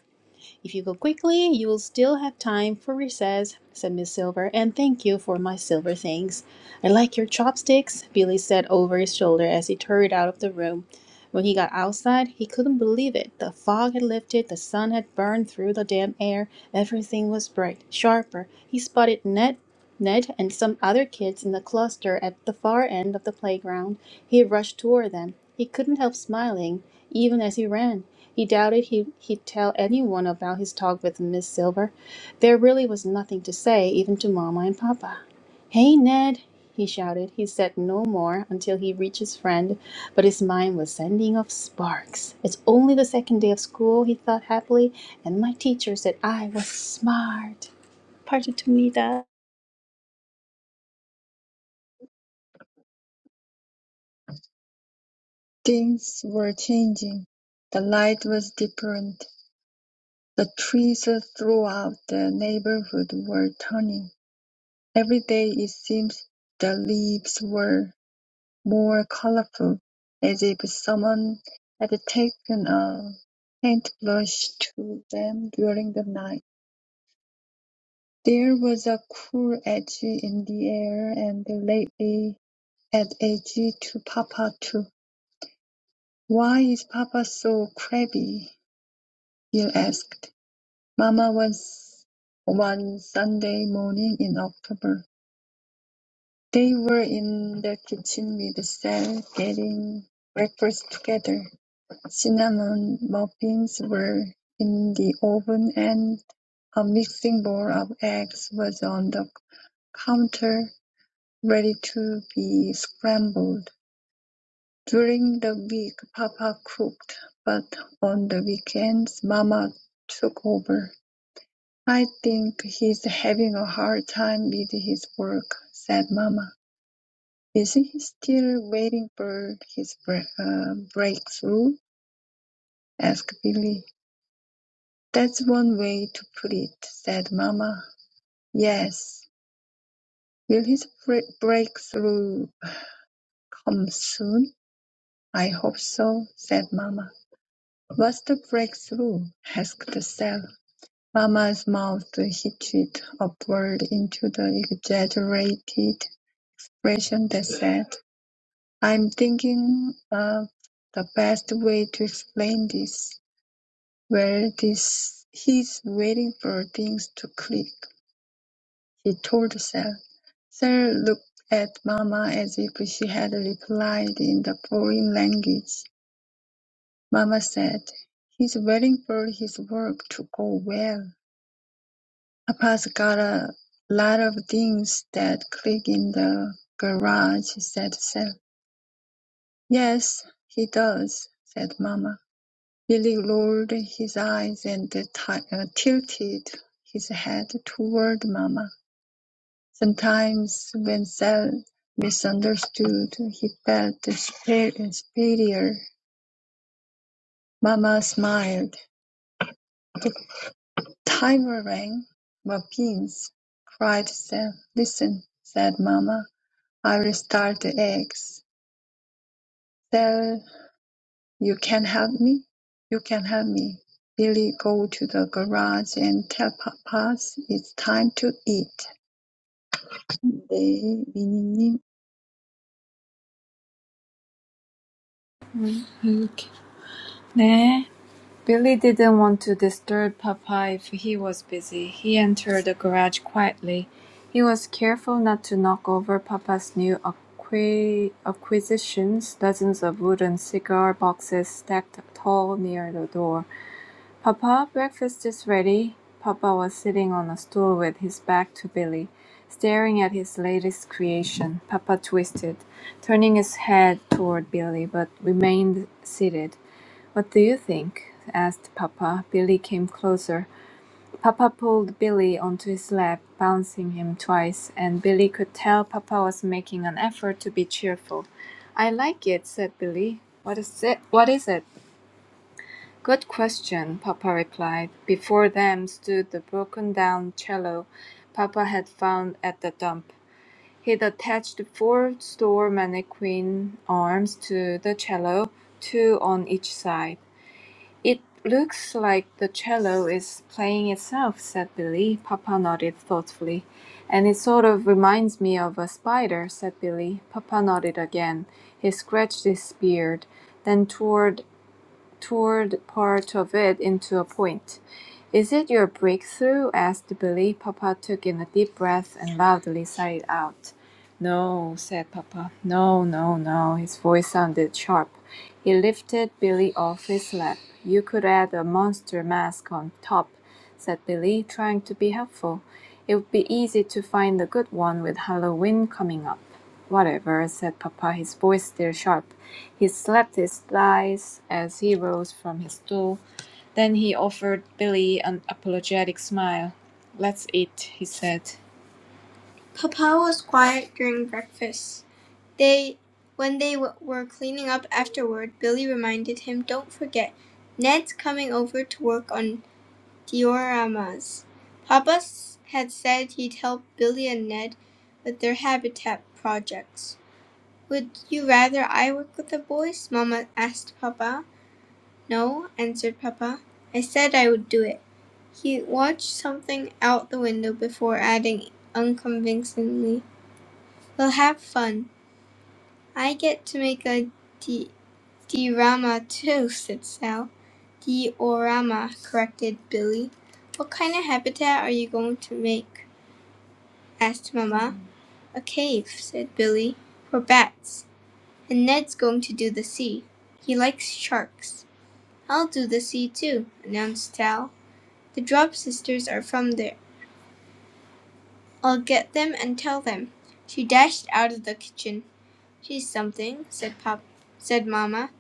Speaker 1: If you go quickly, you will still have time for recess, said Miss Silver, and thank you for my silver things. I like your chopsticks, Billy said over his shoulder as he hurried out of the room. When he got outside, he couldn't believe it. The fog had lifted, the sun had burned through the damp air, everything was bright, sharper. He spotted Ned, Ned and some other kids in the cluster at the far end of the playground. He rushed toward them. He couldn't help smiling, even as he ran. He doubted he, he'd tell anyone about his talk with Miss Silver. There really was nothing to say, even to Mama and Papa. Hey, Ned, he shouted. He said no more until he reached his friend, but his mind was sending off sparks. It's only the second day of school, he thought happily, and my teacher said I was smart. Part of Tomita.
Speaker 2: were changing, the light was different, the trees throughout the neighborhood were turning. Every day it seems the leaves were more colorful, as if someone had taken a paintbrush to them during the night. There was a cool edge in the air, and lately an edge to Papa too. Why is Papa so crabby? Bill asked Mama was one Sunday morning in October. They were in the kitchen with Sal getting breakfast together. Cinnamon muffins were in the oven and a mixing bowl of eggs was on the counter ready to be scrambled. During the week, Papa cooked, but on the weekends, Mama took over. "I think he's having a hard time with his work," said Mamma. "Is he still waiting for his bre- uh, breakthrough?" asked Billy. "That's one way to put it," said Mamma. "Yes. Will his bre- breakthrough come soon?" "I hope so," said Mamma. "What's the breakthrough?" asked Sal. Mamma's mouth hitched upward into the exaggerated expression that said I'm thinking of the best way to explain this. Well, this he's waiting for things to click, he told Sal. Sal looked at Mama as if she had replied in the foreign language. Mama said, He's waiting for his work to go well. Papa's got a lot of things that click in the garage, said Sal. Yes, he does, said Mama. Billy rolled his eyes and t- uh, tilted his head toward Mama. Sometimes, when Sal misunderstood, he felt sp- superior. Mama smiled. The timer rang. "Muffins!" cried Sal. "Listen," said Mama. "I'll start the eggs." Sal You can help me? You can help me. Billy go to the garage and tell Papas it's time to eat. They they
Speaker 3: 이렇게. 네. Billy didn't want to disturb Papa if he was busy. He entered the garage quietly. He was careful not to knock over Papa's new acqui- acquisitions, dozens of wooden cigar boxes stacked tall near the door. "Papa, breakfast is ready." Papa was sitting on a stool with his back to Billy, staring at his latest creation. Papa twisted, turning his head toward Billy, but remained seated. "What do you think?" asked Papa. Billy came closer. Papa pulled Billy onto his lap, bouncing him twice, and Billy could tell Papa was making an effort to be cheerful. "I like it," said Billy. "What is it? What is it?" "Good question," papa replied. Before them stood the broken down cello. papa had found at the dump. He'd attached four store mannequin arms to the cello, 'cello, two on each side. "It looks like the cello is playing itself," said Billy. Papa nodded thoughtfully. "And it sort of reminds me of a spider," said Billy. Papa nodded again. He scratched his beard, then toward towed part of it into a point. Is it your breakthrough? asked Billy. Papa took in a deep breath and loudly sighed out. No, said Papa. No, no, no. His voice sounded sharp. He lifted Billy off his lap. You could add a monster mask on top, said Billy, trying to be helpful. It would be easy to find a good one with Halloween coming up. Whatever, said Papa, his voice still sharp. He slapped his thighs as he rose from his stool. Then he offered Billy an apologetic smile. Let's eat, he said. Papa was quiet during breakfast. They, when they w- were cleaning up afterward, Billy reminded him, "Don't forget, Ned's coming over to work on dioramas." Papa s- had said he'd help Billy and Ned with their habitat projects. Would you rather I work with the boys? Mama asked Papa. No, answered Papa. I said I would do it. He watched something out the window before adding unconvincingly, We'll have fun. I get to make a d- diorama too, said Sal. Diorama, corrected Billy. What kind of habitat are you going to make? asked Mamma. A cave, said Billy, for bats. And Ned's going to do the sea. He likes sharks. I'll do the sea too, announced Sal. The Drop sisters are from there. I'll get them and tell them. She dashed out of the kitchen. She's something, said Pop, said Mamma.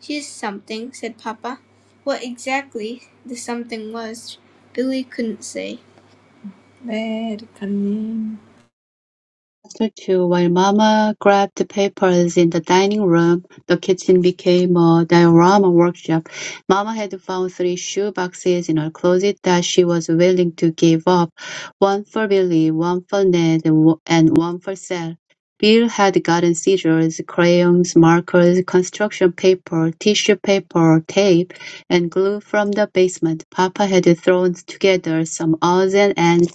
Speaker 3: She's something," said papa. What exactly the something was, Billy couldn't say.
Speaker 4: After two, while Mama grabbed the papers in the dining room, the kitchen became a diorama workshop. Mama had found three shoe boxes in her closet that she was willing to give up, one for Billy, one for Ned, and one for Sal. Bill had gotten scissors, crayons, markers, construction paper, tissue paper, tape, and glue from the basement. Papa had thrown together some odds and ends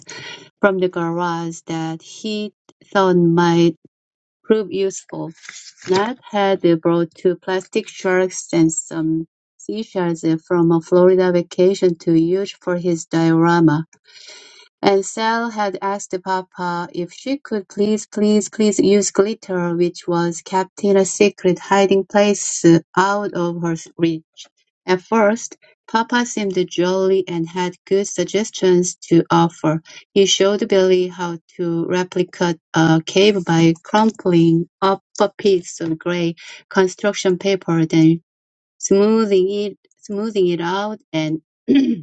Speaker 4: from the garage that he thought might prove useful. Nat had brought two plastic sharks and some seashells from a Florida vacation to use for his diorama. And Sal had asked Papa if she could please, please, please use glitter, which was kept in a secret hiding place out of her reach. At first, papa seemed jolly and had good suggestions to offer. He showed Billy how to replicate a cave by crumpling up a piece of gray construction paper, then smoothing it smoothing it out and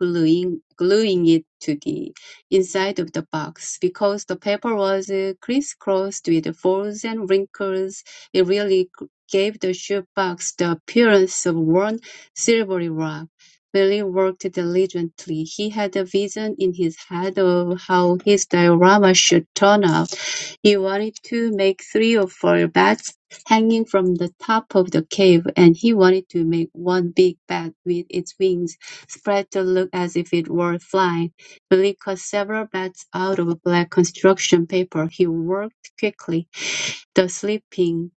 Speaker 4: gluing, gluing it to the inside of the box. Because the paper was uh, crisscrossed with folds and wrinkles, it really g- gave the shoebox the appearance of worn silvery rock. Billy worked diligently. He had a vision in his head of how his diorama should turn out. He wanted to make three or four beds hanging from the top of the cave, and he wanted to make one big bed with its wings spread to look as if it were flying. Billy cut several bats out of black construction paper. He worked quickly. The sleeping,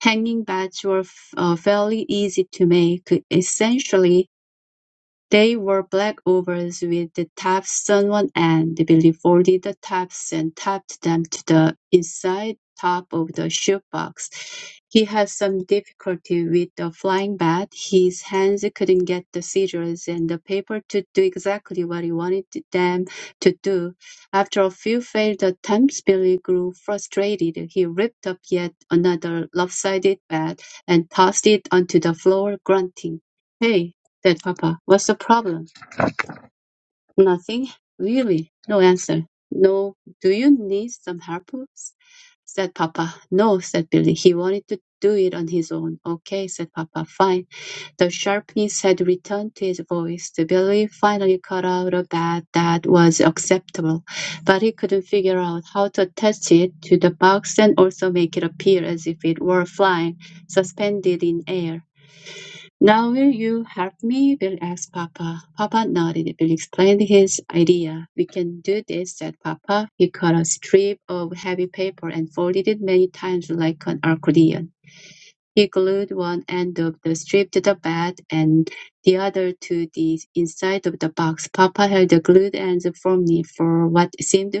Speaker 4: hanging bats were uh, fairly easy to make. Essentially, they wore black overalls with the tops sewn one end. Billy folded the tops and tapped them to the inside top of the shoebox. He had some difficulty with the flying bat. His hands couldn't get the scissors and the paper to do exactly what he wanted them to do. After a few failed attempts, Billy grew frustrated. He ripped up yet another lopsided bat and tossed it onto the floor, grunting. Hey! said Papa. What's the problem? Nothing, really. No answer. No. Do you need some help? said Papa. No, said Billy. He wanted to do it on his own. Okay, said Papa. Fine. The sharpness had returned to his voice. Billy finally cut out a bat that was acceptable, but he couldn't figure out how to attach it to the box and also make it appear as if it were flying, suspended in air. Now will you help me? Bill asked Papa. Papa nodded. Bill explained his idea. We can do this, said Papa. He cut a strip of heavy paper and folded it many times like an accordion. He glued one end of the strip to the bed and the other to the inside of the box. Papa held the glued ends firmly for what seemed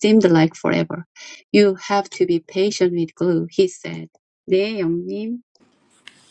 Speaker 4: seemed like forever. You have to be patient with glue, he said. 네, 영님.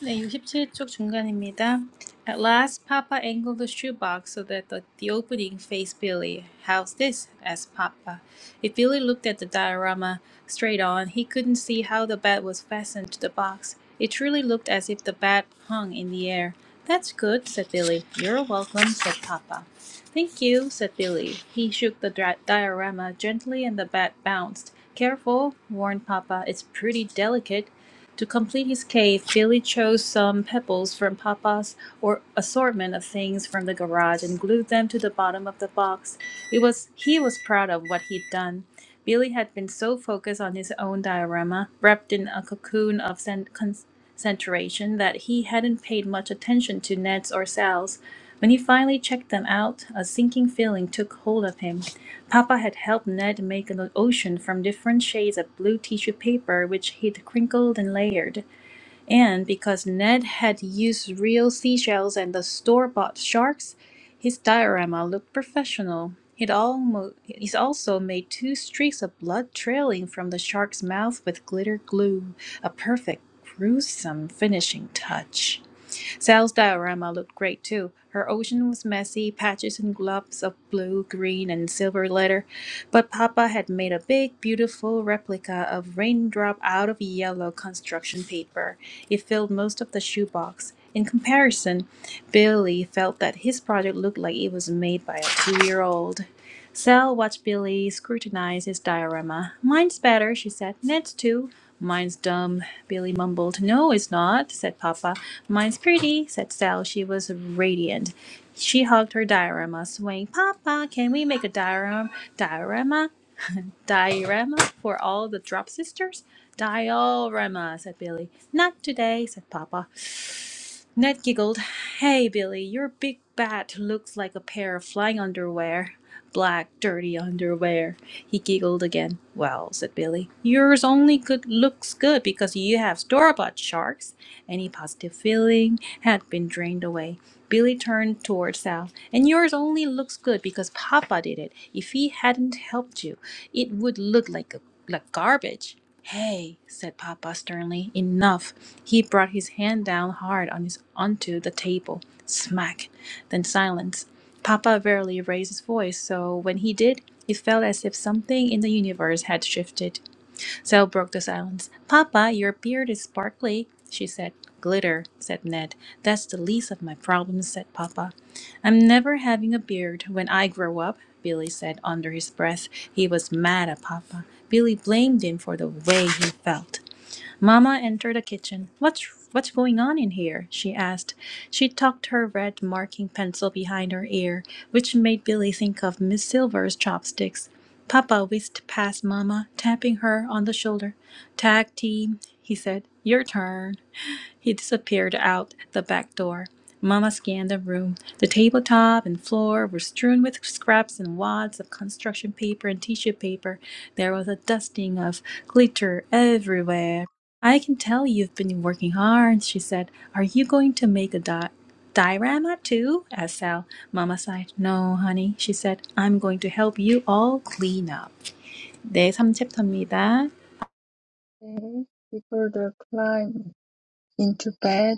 Speaker 1: 네, 67쪽 중간입니다. At last, Papa angled the shoebox so that the, the opening faced Billy. How's this? asked Papa. If Billy looked at the diorama straight on, he couldn't see how the bat was fastened to the box. It truly looked as if the bat hung in the air. That's good, said Billy. You're welcome, said Papa. Thank you, said Billy. He shook the dra- diorama gently and the bat bounced. Careful, warned Papa. It's pretty delicate. To complete his cave, Billy chose some pebbles from Papa's or assortment of things from the garage and glued them to the bottom of the box. It was he was proud of what he'd done. Billy had been so focused on his own diorama, wrapped in a cocoon of cen- concentration, that he hadn't paid much attention to Ned's or Sal's. When he finally checked them out, a sinking feeling took hold of him. Papa had helped Ned make an ocean from different shades of blue tissue paper, which he'd crinkled and layered. And because Ned had used real seashells and the store bought sharks, his diorama looked professional. he almo- he's also made two streaks of blood trailing from the shark's mouth with glitter glue, a perfect gruesome finishing touch. Sal's diorama looked great too. Her ocean was messy, patches and globs of blue, green, and silver glitter, but Papa had made a big, beautiful replica of raindrop out of yellow construction paper. It filled most of the shoebox. In comparison, Billy felt that his project looked like it was made by a two year old. Sal watched Billy scrutinize his diorama. Mine's better, she said. Ned's too. Mine's dumb, Billy mumbled. No, it's not, said Papa. Mine's pretty, said Sal. She was radiant. She hugged her diorama, swaying. Papa, can we make a diorama? Diorama? Diorama for all the drop sisters? Diorama, said Billy. Not today, said Papa. Ned giggled. Hey, Billy, your big bat looks like a pair of flying underwear. Black, dirty underwear. He giggled again. Well, said Billy, yours only good looks good because you have store-bought sharks. Any positive feeling had been drained away. Billy turned toward Sal. And yours only looks good because Papa did it. If he hadn't helped you, it would look like a, like garbage. Hey, said Papa sternly, enough. He brought his hand down hard on his onto the table. Smack. Then silence. Papa rarely raised his voice, so when he did, it felt as if something in the universe had shifted. Sal broke the silence. Papa, your beard is sparkly, she said. Glitter, said Ned. That's the least of my problems, said Papa. I'm never having a beard when I grow up, Billy said under his breath. He was mad at Papa. Billy blamed him for the way he felt. Mamma entered the kitchen. What's what's going on in here? she asked. She tucked her red marking pencil behind her ear, which made Billy think of Miss Silver's chopsticks. Papa whisked past Mamma, tapping her on the shoulder. Tag team, he said. Your turn. He disappeared out the back door. Mama scanned the room. The tabletop and floor were strewn with scraps and wads of construction paper and tissue paper. There was a dusting of glitter everywhere. I can tell you've been working hard, she said. Are you going to make a di- diorama too? asked Sal. Mama sighed. No, honey, she said. I'm going to help you all clean up. 네, 삼 챕터입니다.
Speaker 2: before the climb into bed.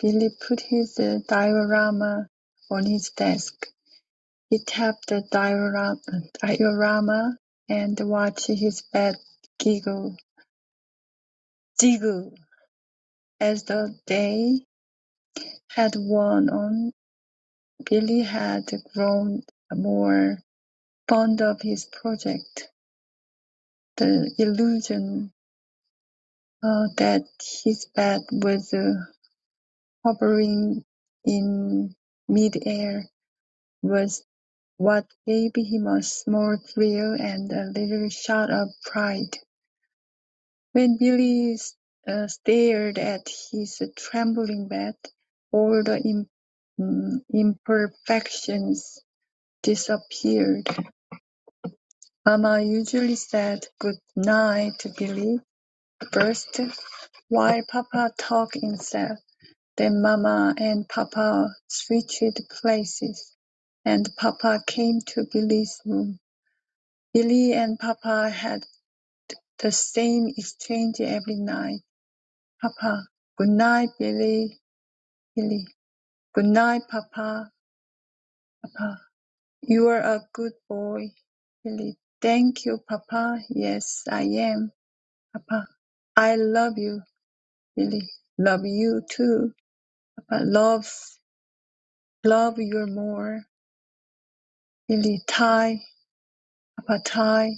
Speaker 2: Billy put his uh, diorama on his desk. He tapped the diorama, diorama and watched his bed giggle, jiggle as the day had worn on. Billy had grown more Fond of his project, the illusion uh, that his bat was uh, hovering in mid-air was what gave him a small thrill and a little shout of pride. When Billy uh, stared at his trembling bat, all the im- mm, imperfections disappeared. Mama usually said, "Good night, Billy," First, while Papa talked himself, then Mama and Papa switched places, and Papa came to Billy's room. Billy and Papa had the same exchange every night. Papa, good night, Billy. Billy, good night, Papa. Papa, you are a good boy. Billy, thank you, Papa. Yes, I am, Papa. I love you, Billy. Love you too. Papa loves love you more, Lily Ty, Apatai.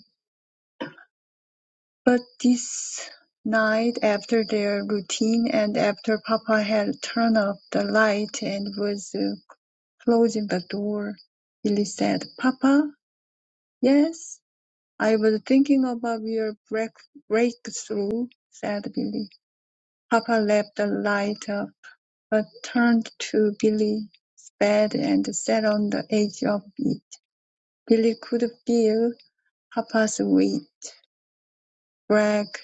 Speaker 2: But this night, after their routine and after Papa had turned off the light and was uh, closing the door, Lily said, Papa, yes? I was thinking about your break- breakthrough, said Billy. Papa left the light up, but turned to Billy's bed and sat on the edge of it. Billy could feel Papa's weight. dragged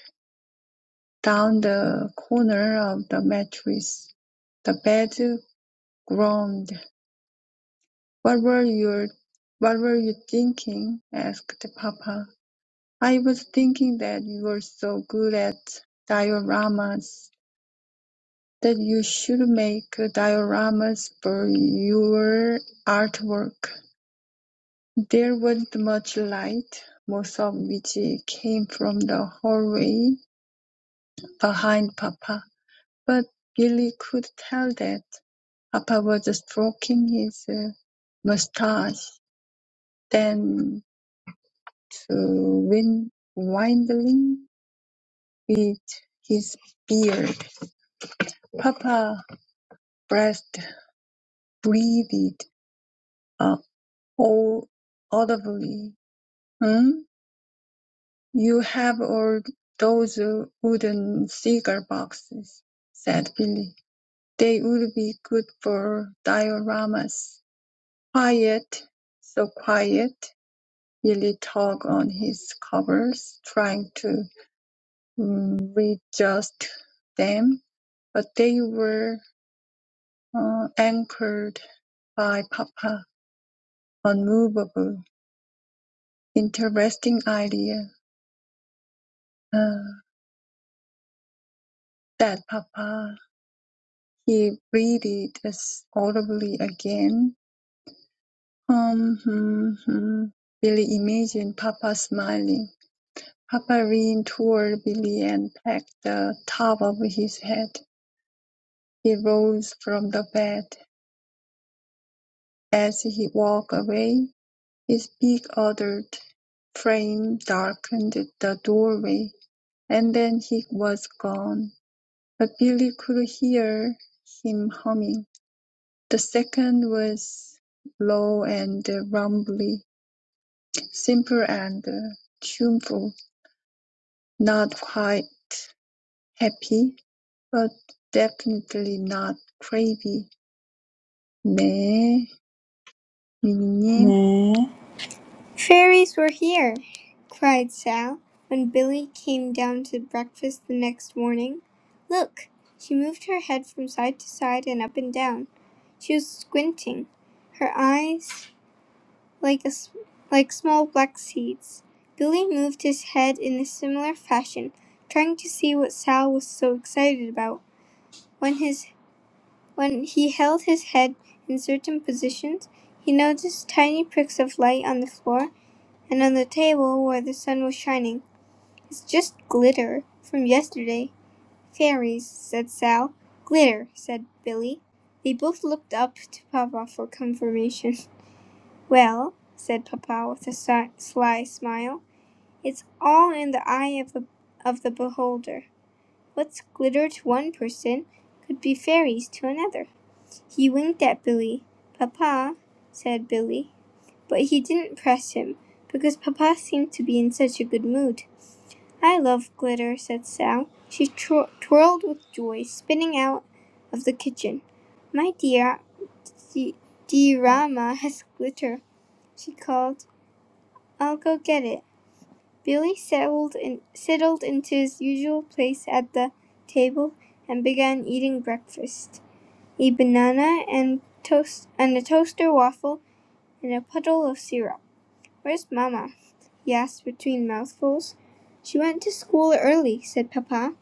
Speaker 2: down the corner of the mattress. The bed groaned. "What were you what were you thinking?" asked Papa. "I was thinking that you were so good at dioramas that you should make dioramas for your artwork." There wasn't much light, most of which came from the hallway behind Papa, but Billy could tell that. Papa was stroking his uh, moustache, then to win- windling with his beard. Papa breathed, breathed uh, au- audibly. Hmm? You have all those uh, wooden cigar boxes, said Billy. They would be good for dioramas. Quiet, so quiet. really tug on his covers, trying to mm, readjust them, but they were uh, anchored by Papa, unmovable. Interesting idea uh, that Papa he breathed as audibly again. Um, hmm, hmm. Billy imagined Papa smiling. Papa leaned toward Billy and pecked the top of his head. He rose from the bed As he walked away, his big adult frame darkened the doorway, and then he was gone. But Billy could hear him humming. The second was low and rumbly, simple and tuneful, not quite happy, but definitely not crazy. 네, 미니님.
Speaker 3: Fairies were here, cried Sal, when Billy came down to breakfast the next morning. Look, she moved her head from side to side and up and down. She was squinting. Her eyes like a s like small black seeds. Billy moved his head in a similar fashion, trying to see what Sal was so excited about. When his when he held his head in certain positions, he noticed tiny pricks of light on the floor and on the table where the sun was shining. It's just glitter from yesterday. Fairies, said Sal. Glitter, said Billy. They both looked up to Papa for confirmation. Well, said Papa with a si- sly smile. It's all in the eye of the, of the beholder. What's glitter to one person could be fairies to another. He winked at Billy. Papa, said Billy. But he didn't press him, because Papa seemed to be in such a good mood. I love glitter, said Sal. She twir- twirled with joy, spinning out of the kitchen. My dear, the diorama has glitter, she called. I'll go get it. Billy settled in, settled into his usual place at the table and began eating breakfast, a banana and toast and a toaster waffle and a puddle of syrup. Where's Mama? he asked between mouthfuls. She went to school early, said Papa.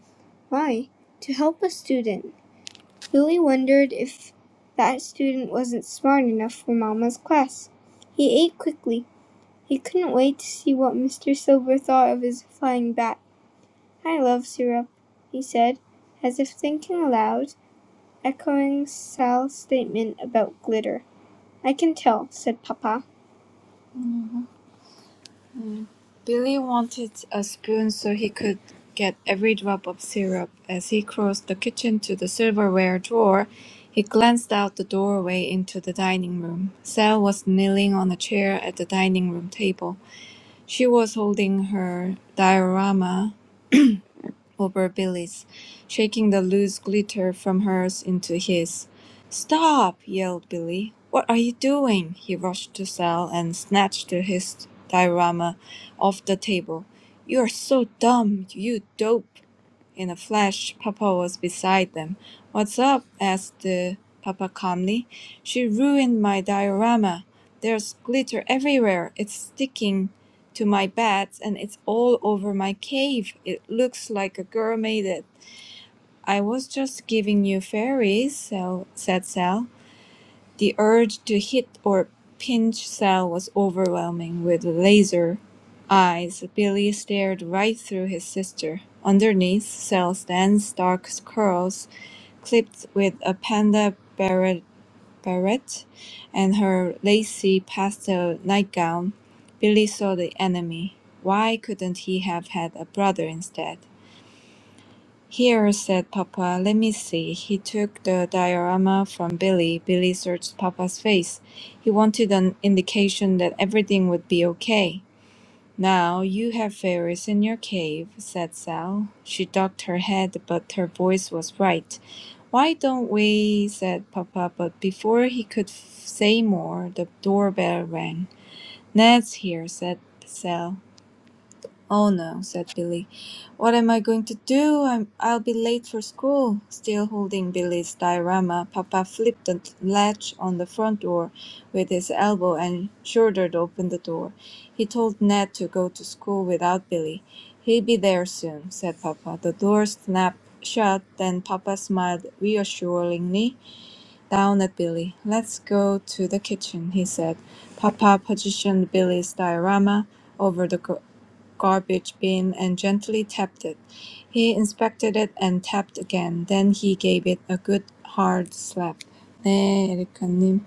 Speaker 3: Why? To help a student. Billy wondered if that student wasn't smart enough for Mama's class. He ate quickly. He couldn't wait to see what Mr. Silver thought of his flying bat. "I love syrup," he said, as if thinking aloud, echoing Sal's statement about glitter. "I can tell," said Papa. Mm. Billy wanted a spoon so he could get every drop of syrup. As he crossed the kitchen to the silverware drawer, he glanced out the doorway into the dining room. Sal was kneeling on a chair at the dining room table. She was holding her diorama over Billy's, shaking the loose glitter from hers into his. Stop! yelled Billy. What are you doing? He rushed to Sal and snatched his diorama off the table. You're so dumb, you dope! In a flash, Papa was beside them. What's up? asked uh, Papa calmly. She ruined my diorama. There's glitter everywhere. It's sticking to my bats and it's all over my cave. It looks like a girl made it. I was just giving you fairies, Sal, said Sal. The urge to hit or pinch Sal was overwhelming. With laser eyes, Billy stared right through his sister. Underneath Sal's dense dark curls, clipped with a panda barret, barrette and her lacy pastel nightgown, Billy saw the enemy. Why couldn't he have had a brother instead? "Here," said papa, "let me see." He took the diorama from Billy. Billy searched papa's face. He wanted an indication that everything would be okay. "Now, you have fairies in your cave," said Sal. She ducked her head, but her voice was right. "Why don't we said papa, but before he could f- say more, the doorbell rang. "Ned's here," said Sal. "Oh no," said Billy. "What am I going to do? I'm I'll be late for school." Still holding Billy's diorama, Papa flipped the latch on the front door with his elbow and shouldered open the door. He told Ned to go to school without Billy. "He'll be there soon," said Papa. The door snapped shut, then Papa smiled reassuringly down at Billy. "Let's go to the kitchen," he said. Papa positioned Billy's diorama over the co- garbage bin and gently tapped it. He inspected it and tapped again. Then he gave it a good hard slap. 네, 에리카님.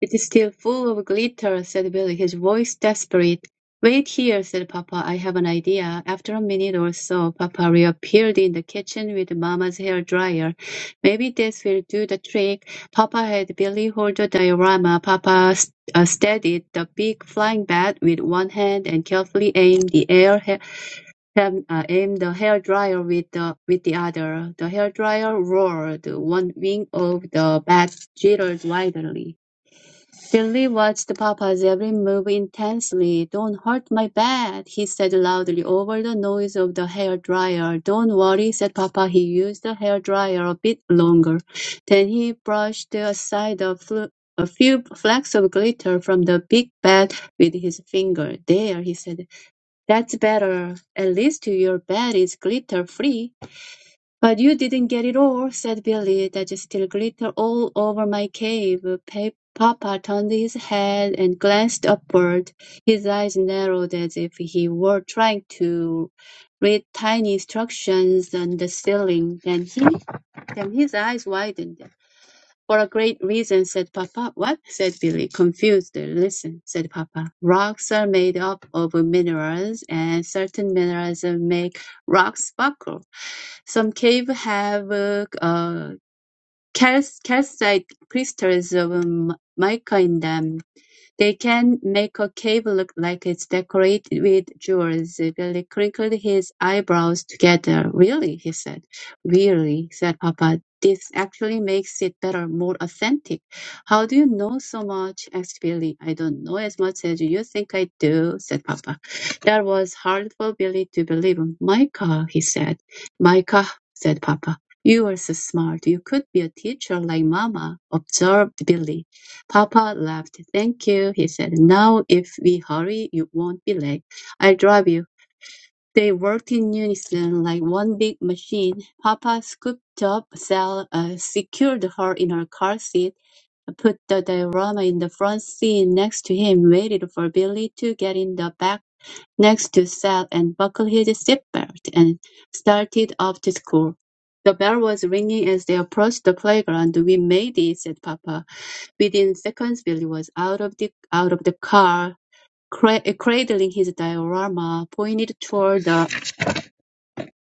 Speaker 4: "It is still full of glitter," said Billy, his voice desperate. "Wait here," said papa, "I have an idea." After a minute or so, papa reappeared in the kitchen with Mama's hair dryer. "Maybe this will do the trick." Papa had Billy hold the diorama. Papa st- uh, steadied the big flying bat with one hand and carefully aimed the air ha- um, uh, aimed the hair dryer with the with the other. The hair dryer roared. One wing of the bat jittered wildly. Billy watched Papa's every move intensely. "Don't hurt my bed," he said loudly, over the noise of the hair dryer. "Don't worry," said Papa. He used the hair dryer a bit longer. Then he brushed aside a, fl- a few flecks of glitter from the big bed with his finger. "There," he said. "That's better. At least your bed is glitter free." "But you didn't get it all," said Billy. "That still glittered all over my cave." Pa- Papa turned his head and glanced upward. His eyes narrowed as if he were trying to read tiny instructions on the ceiling. Then he, Then his eyes widened. "For a great reason," said Papa. "What?" said Billy, confused. "Listen," said Papa. "Rocks are made up of minerals, and certain minerals make rocks sparkle. Some caves have uh, uh, cal- calcite crystals of um, mica in them. They can make a cave look like it's decorated with jewels. Billy crinkled his eyebrows together. Really? he said. Really, said Papa. This actually makes it better, more authentic. How do you know so much? asked Billy. I don't know as much as you think I do, said Papa. That was hard for Billy to believe. Micah, he said. Micah, said Papa. You are so smart. You could be a teacher like Mama, observed Billy. Papa laughed. "Thank you," he said. "Now if we hurry, you won't be late. I'll drive you." They worked in unison, like one big machine. Papa scooped up Sal, uh, secured her in her car seat, put the diorama in the front seat next to him, waited for Billy to get in the back Next to Seth and buckled his seatbelt and started off to school. The bell was ringing as they approached the playground. "We made it," said Papa. Within seconds, Billy was out of the out of the car, cra- cradling his diorama, pointed toward the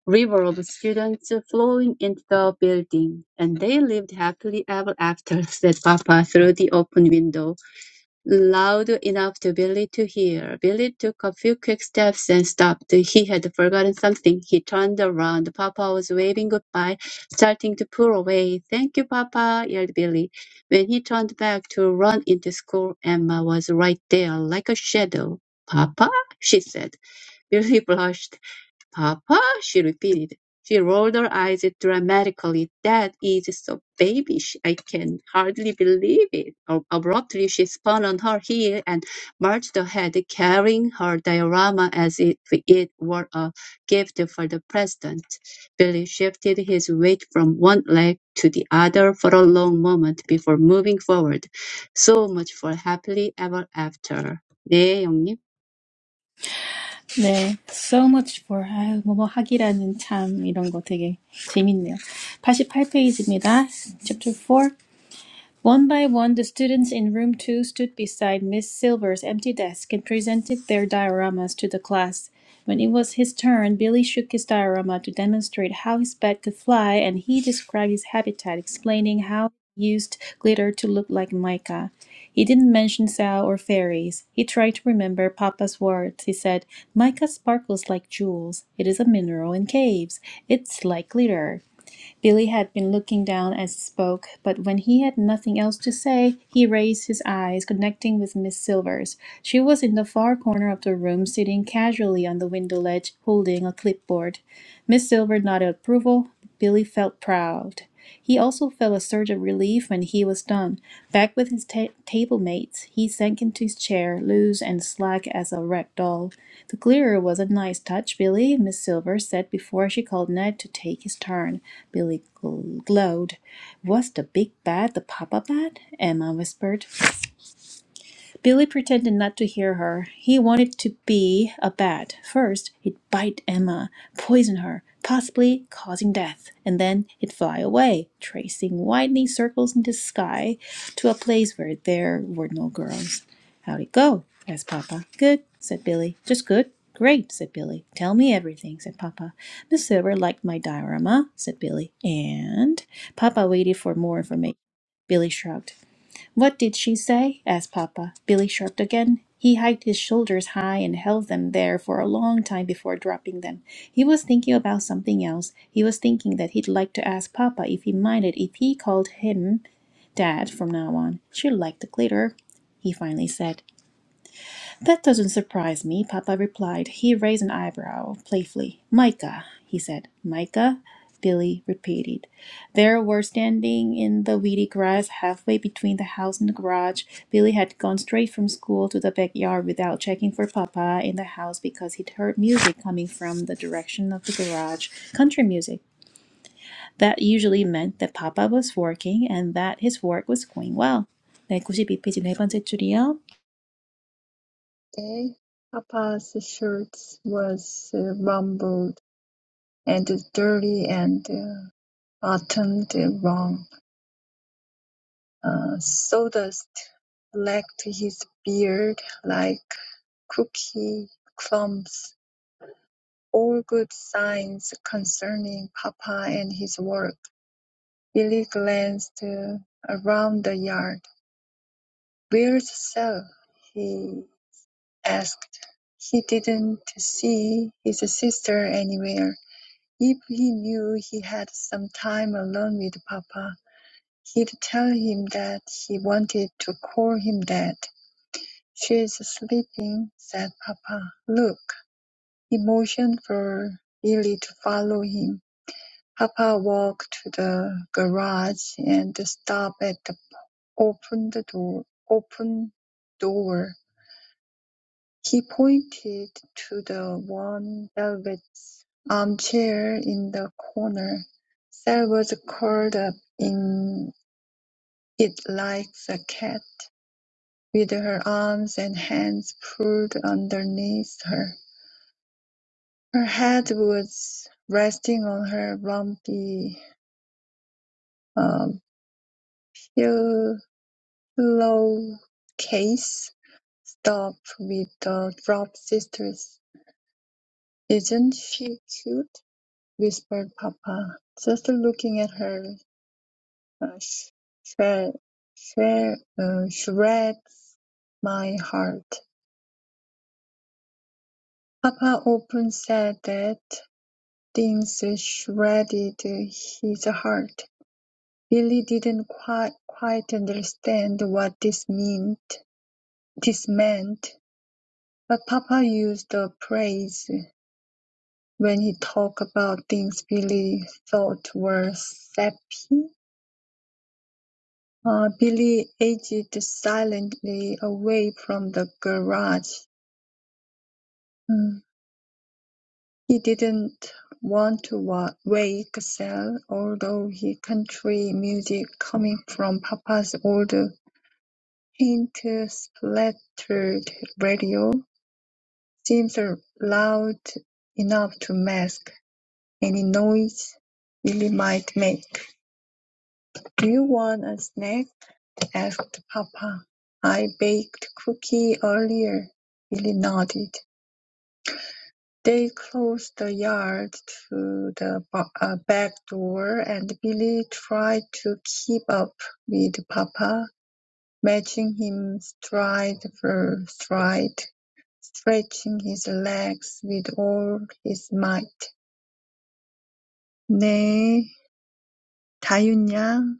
Speaker 4: river of students flowing into the building. "And they lived happily ever after," said Papa through the open window. Loud enough to Billy to hear. Billy took a few quick steps and stopped. He had forgotten something. He turned around. Papa was waving goodbye, starting to pull away. Thank you, Papa, yelled Billy. When he turned back to run into school, Emma was right there, like a shadow. Papa? she said. Billy blushed. "Papa?" she repeated. She rolled her eyes dramatically. "That is so babyish. I can hardly believe it." Ab- Abruptly, she spun on her heel and marched ahead, carrying her diorama as if it were a gift for the president. Billy shifted his weight from one leg to the other for a long moment before moving forward. So much for happily ever after. 네,
Speaker 1: 네, So much for how to hack it. I think this is really interesting. We're on page 88. Chapter four. One by one, the students in room two stood beside Miss Silver's empty desk and presented their dioramas to the class. When it was his turn, Billy shook his diorama to demonstrate how his bat could fly, and he described his habitat, explaining how he used glitter to look like mica. He didn't mention Sal or fairies. He tried to remember Papa's words. He said, Mica sparkles like jewels. It is a mineral in caves. It's like glitter. Billy had been looking down as he spoke, but when he had nothing else to say, he raised his eyes, connecting with Miss Silvers. She was in the far corner of the room, sitting casually on the window ledge, holding a clipboard. Miss Silver nodded approval. Billy felt proud. He also felt a surge of relief when he was done. Back with his ta- table mates, he sank into his chair, loose and slack as a rag doll. The clearer was a nice touch, Billy, Miss Silver said before she called Ned to take his turn. Billy gl- glowed. Was the big bat the papa bat? Emma whispered. Billy pretended not to hear her. He wanted to be a bat. First, he'd bite Emma, poison her, possibly causing death, and then he'd fly away, tracing widening circles in the sky to a place where there were no girls. How'd it go? asked Papa. Good, said Billy. Just good? Great, said Billy. Tell me everything, said Papa. Miss Silver liked my diorama, said Billy. And? Papa waited for more information. Billy shrugged. What did she say? asked Papa. Billy shrugged again. He hiked his shoulders high and held them there for a long time before dropping them. He was thinking about something else. He was thinking that he'd like to ask Papa if he minded if he called him Dad from now on. She liked the glitter, he finally said. That doesn't surprise me, Papa replied. He raised an eyebrow playfully. Micah, he said. Micah? Billy repeated. They were standing in the weedy grass halfway between the house and the garage. Billy had gone straight from school to the backyard without checking for Papa in the house because he'd heard music coming from the direction of the garage. Country music. That usually meant that Papa was working and that his work was going well. 네, 구십이 페이지 네 번째 줄이요.
Speaker 2: Day, Papa's shirt was uh, rumpled and dirty and uh, buttoned wrong. Uh, sawdust flecked his beard like cookie crumbs, all good signs concerning Papa and his work. Billy glanced uh, around the yard. Where's Sal? he asked. He didn't see his sister anywhere. If he knew he had some time alone with Papa, he'd tell him that he wanted to call him Dad. "She's sleeping," said Papa. "Look." He motioned for Billy to follow him. Papa walked to the garage and stopped at the opened door open door. He pointed to the worn velvet armchair in the corner. Sal was curled up in it like a cat, with her arms and hands pulled underneath her. Her head was resting on her lumpy um, pillowcase, stuffed with the drop sisters. Isn't she cute? whispered papa, just looking at her uh, sh- shred, shred, uh, shreds my heart. Papa often said that things shredded his heart. Billy didn't quite, quite understand what this meant, this meant, but Papa used the phrase when he talked about things Billy thought were sappy Uh, Billy edged silently away from the garage. Mm. He didn't want to wa- wake Sal, although his country music coming from Papa's old paint-splattered radio seems loud enough to mask any noise Billy might make. “Do you want a snack?” asked papa. “I baked cookies earlier.” Billy nodded. They closed the yard to the ba- uh, back door, and Billy tried to keep up with papa, matching him stride for stride, stretching his legs with all his might. 네, 다윤양.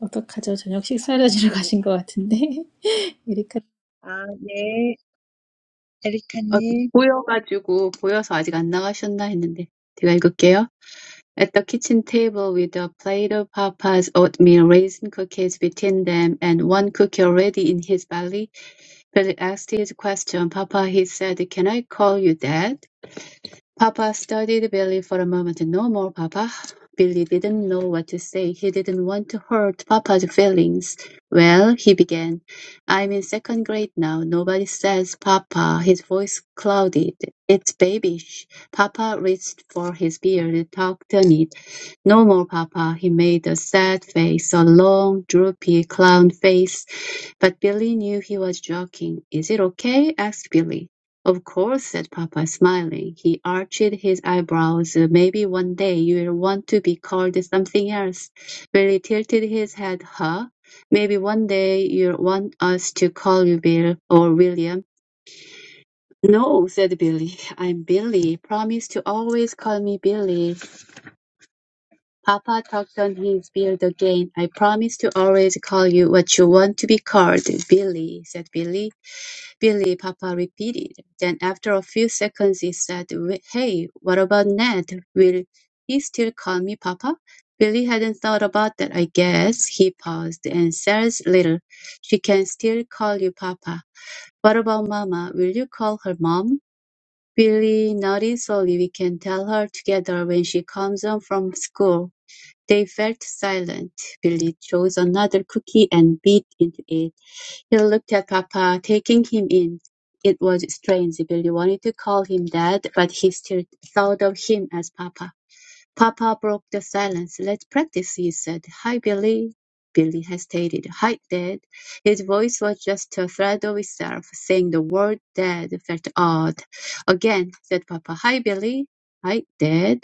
Speaker 1: 어떡하죠? 저녁 식사를 하시러 가신 것 같은데. 에리카.
Speaker 2: 아, 네,
Speaker 4: 어,
Speaker 2: 에리카님.
Speaker 4: 보여가지고 보여서 아직 안 나가셨나 했는데 제가 읽을게요. At the kitchen table with a plate of Papa's oatmeal raisin cookies between them and one cookie already in his belly, Billy asked his question. Papa, he said, can I call you dad? Papa studied Billy for a moment. No more, Papa. Billy didn't know what to say. He didn't want to hurt Papa's feelings. Well, he began, I'm in second grade now. Nobody says Papa. His voice clouded. It's babyish. Papa reached for his beard, tucked on it. No more, Papa. He made a sad face, a long, droopy clown face. But Billy knew he was joking. Is it okay? asked Billy. "Of course," said papa, smiling. He arched his eyebrows. "Maybe one day you'll want to be called something else." Billy tilted his head. "Huh? Maybe one day you'll want us to call you Bill or William." "No," said Billy. "I'm Billy. Promise to always call me Billy." Papa tugged on his beard again. "I promise to always call you what you want to be called, Billy," said Billy. Billy, papa repeated. Then after a few seconds he said, "Wh- Hey, what about Ned? Will he still call me papa? Billy hadn't thought about that, I guess. He paused, and says little. She can still call you papa. What about Mama? Will you call her Mom? Billy nodded slowly. We can tell her together when she comes home from school. They felt silent. Billy chose another cookie and bit into it. He looked at Papa, taking him in. It was strange. Billy wanted to call him Dad, but he still thought of him as Papa. Papa broke the silence. Let's practice, he said. Hi, Billy. Billy hesitated. Hi, Dad. His voice was just a thread of itself. Saying the word Dad felt odd. Again, said Papa. Hi, Billy. Hi, Dad.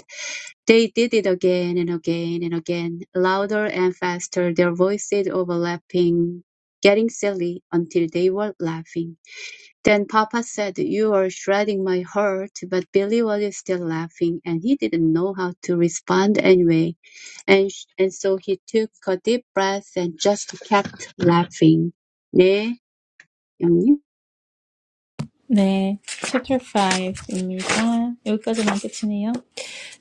Speaker 4: They did it again and again and again, louder and faster, their voices overlapping, getting silly until they were laughing. Then Papa said, You are shredding my heart, but Billy was still laughing and he didn't know how to respond anyway. And, sh- and so he took a deep breath and just kept laughing. 네, 영님.
Speaker 1: 네. Chapter five입니다. 여기까지만 끝이네요.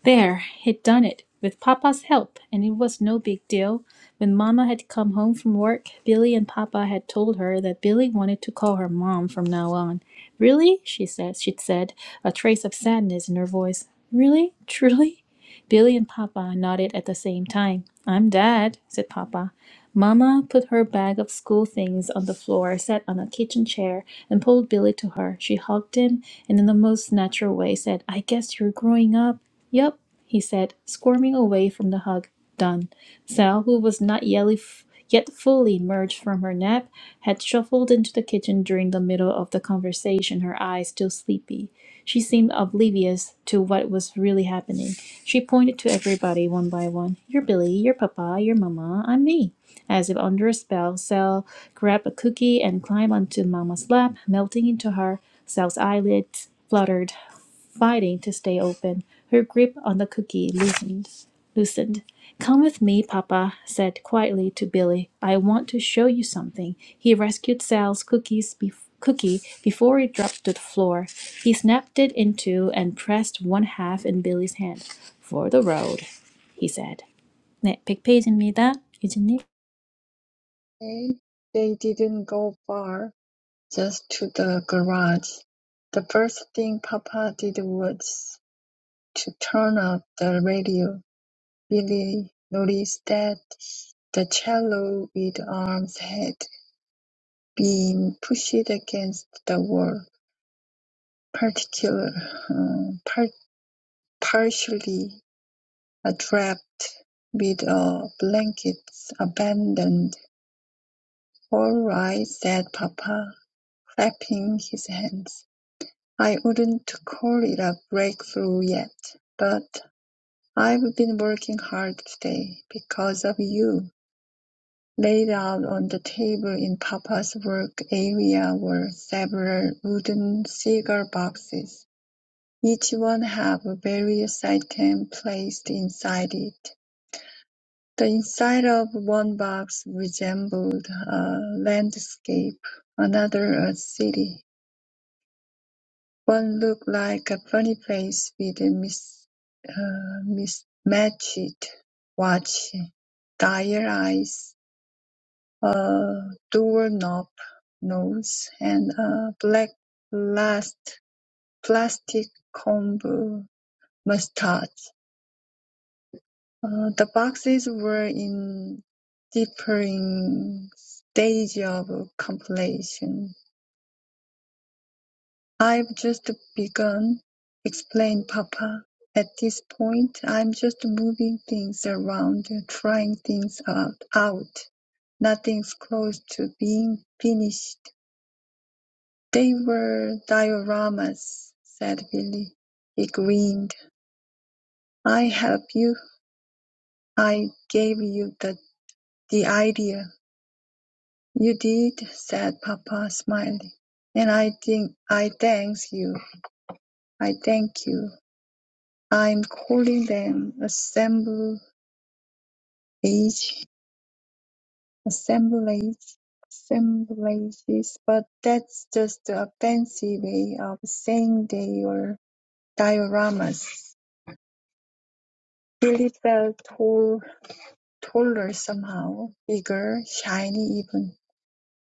Speaker 1: There, he'd done it. With Papa's help, and it was no big deal. When Mama had come home from work, Billy and Papa had told her that Billy wanted to call her Mom from now on. Really? She said, she'd said, a trace of sadness in her voice. Really? Truly? Billy and Papa nodded at the same time. I'm Dad, said Papa. Mamma put her bag of school things on the floor, sat on a kitchen chair, and pulled Billy to her. She hugged him and, in the most natural way, said, I guess you're growing up. Yup, he said, squirming away from the hug. Done. Sal, who was not yelly f- yet fully emerged from her nap, had shuffled into the kitchen during the middle of the conversation, her eyes still sleepy. She seemed oblivious to what was really happening. She pointed to everybody one by one. You're Billy, you're Papa, you're Mama, I'm me. As if under a spell, Cell grabbed a cookie and climbed onto Mama's lap, melting into her. Cell's eyelids fluttered, fighting to stay open. Her grip on the cookie loosened. loosened. Come with me, Papa, said quietly to Billy. I want to show you something. He rescued Sal's cookies bef cookie before it dropped to the floor. He snapped it in two and pressed one half in Billy's hand. For the road, he said. 네, 백 페이지입니다. 유진님.
Speaker 2: They they didn't go far, just to the garage. The first thing Papa did was to turn off the radio. Billy noticed that the cello with arms had been pushed against the wall, particular, uh, par- partially wrapped with a blanket abandoned. All right, said Papa, clapping his hands. I wouldn't call it a breakthrough yet, but I've been working hard today because of you. Laid out on the table in Papa's work area were several wooden cigar boxes. Each one had a various item placed inside it. The inside of one box resembled a landscape, another a city. One looked like a funny face with a mis- uh, mismatched watch, dire eyes, a doorknob nose, and a black plast- plastic comb mustache. Uh, the boxes were in differing stage of completion. I've just begun, explained Papa. At this point, I'm just moving things around, trying things out. out. Nothing's close to being finished. They were dioramas, said Billy. He grinned. I help you. I gave you the, the idea. You did, said Papa, smiling. And I think I thanks you. I thank you. I'm calling them assemblage, assemblage, assemblages, but that's just a fancy way of saying they were dioramas. Billy felt tall, taller somehow, bigger, shiny even.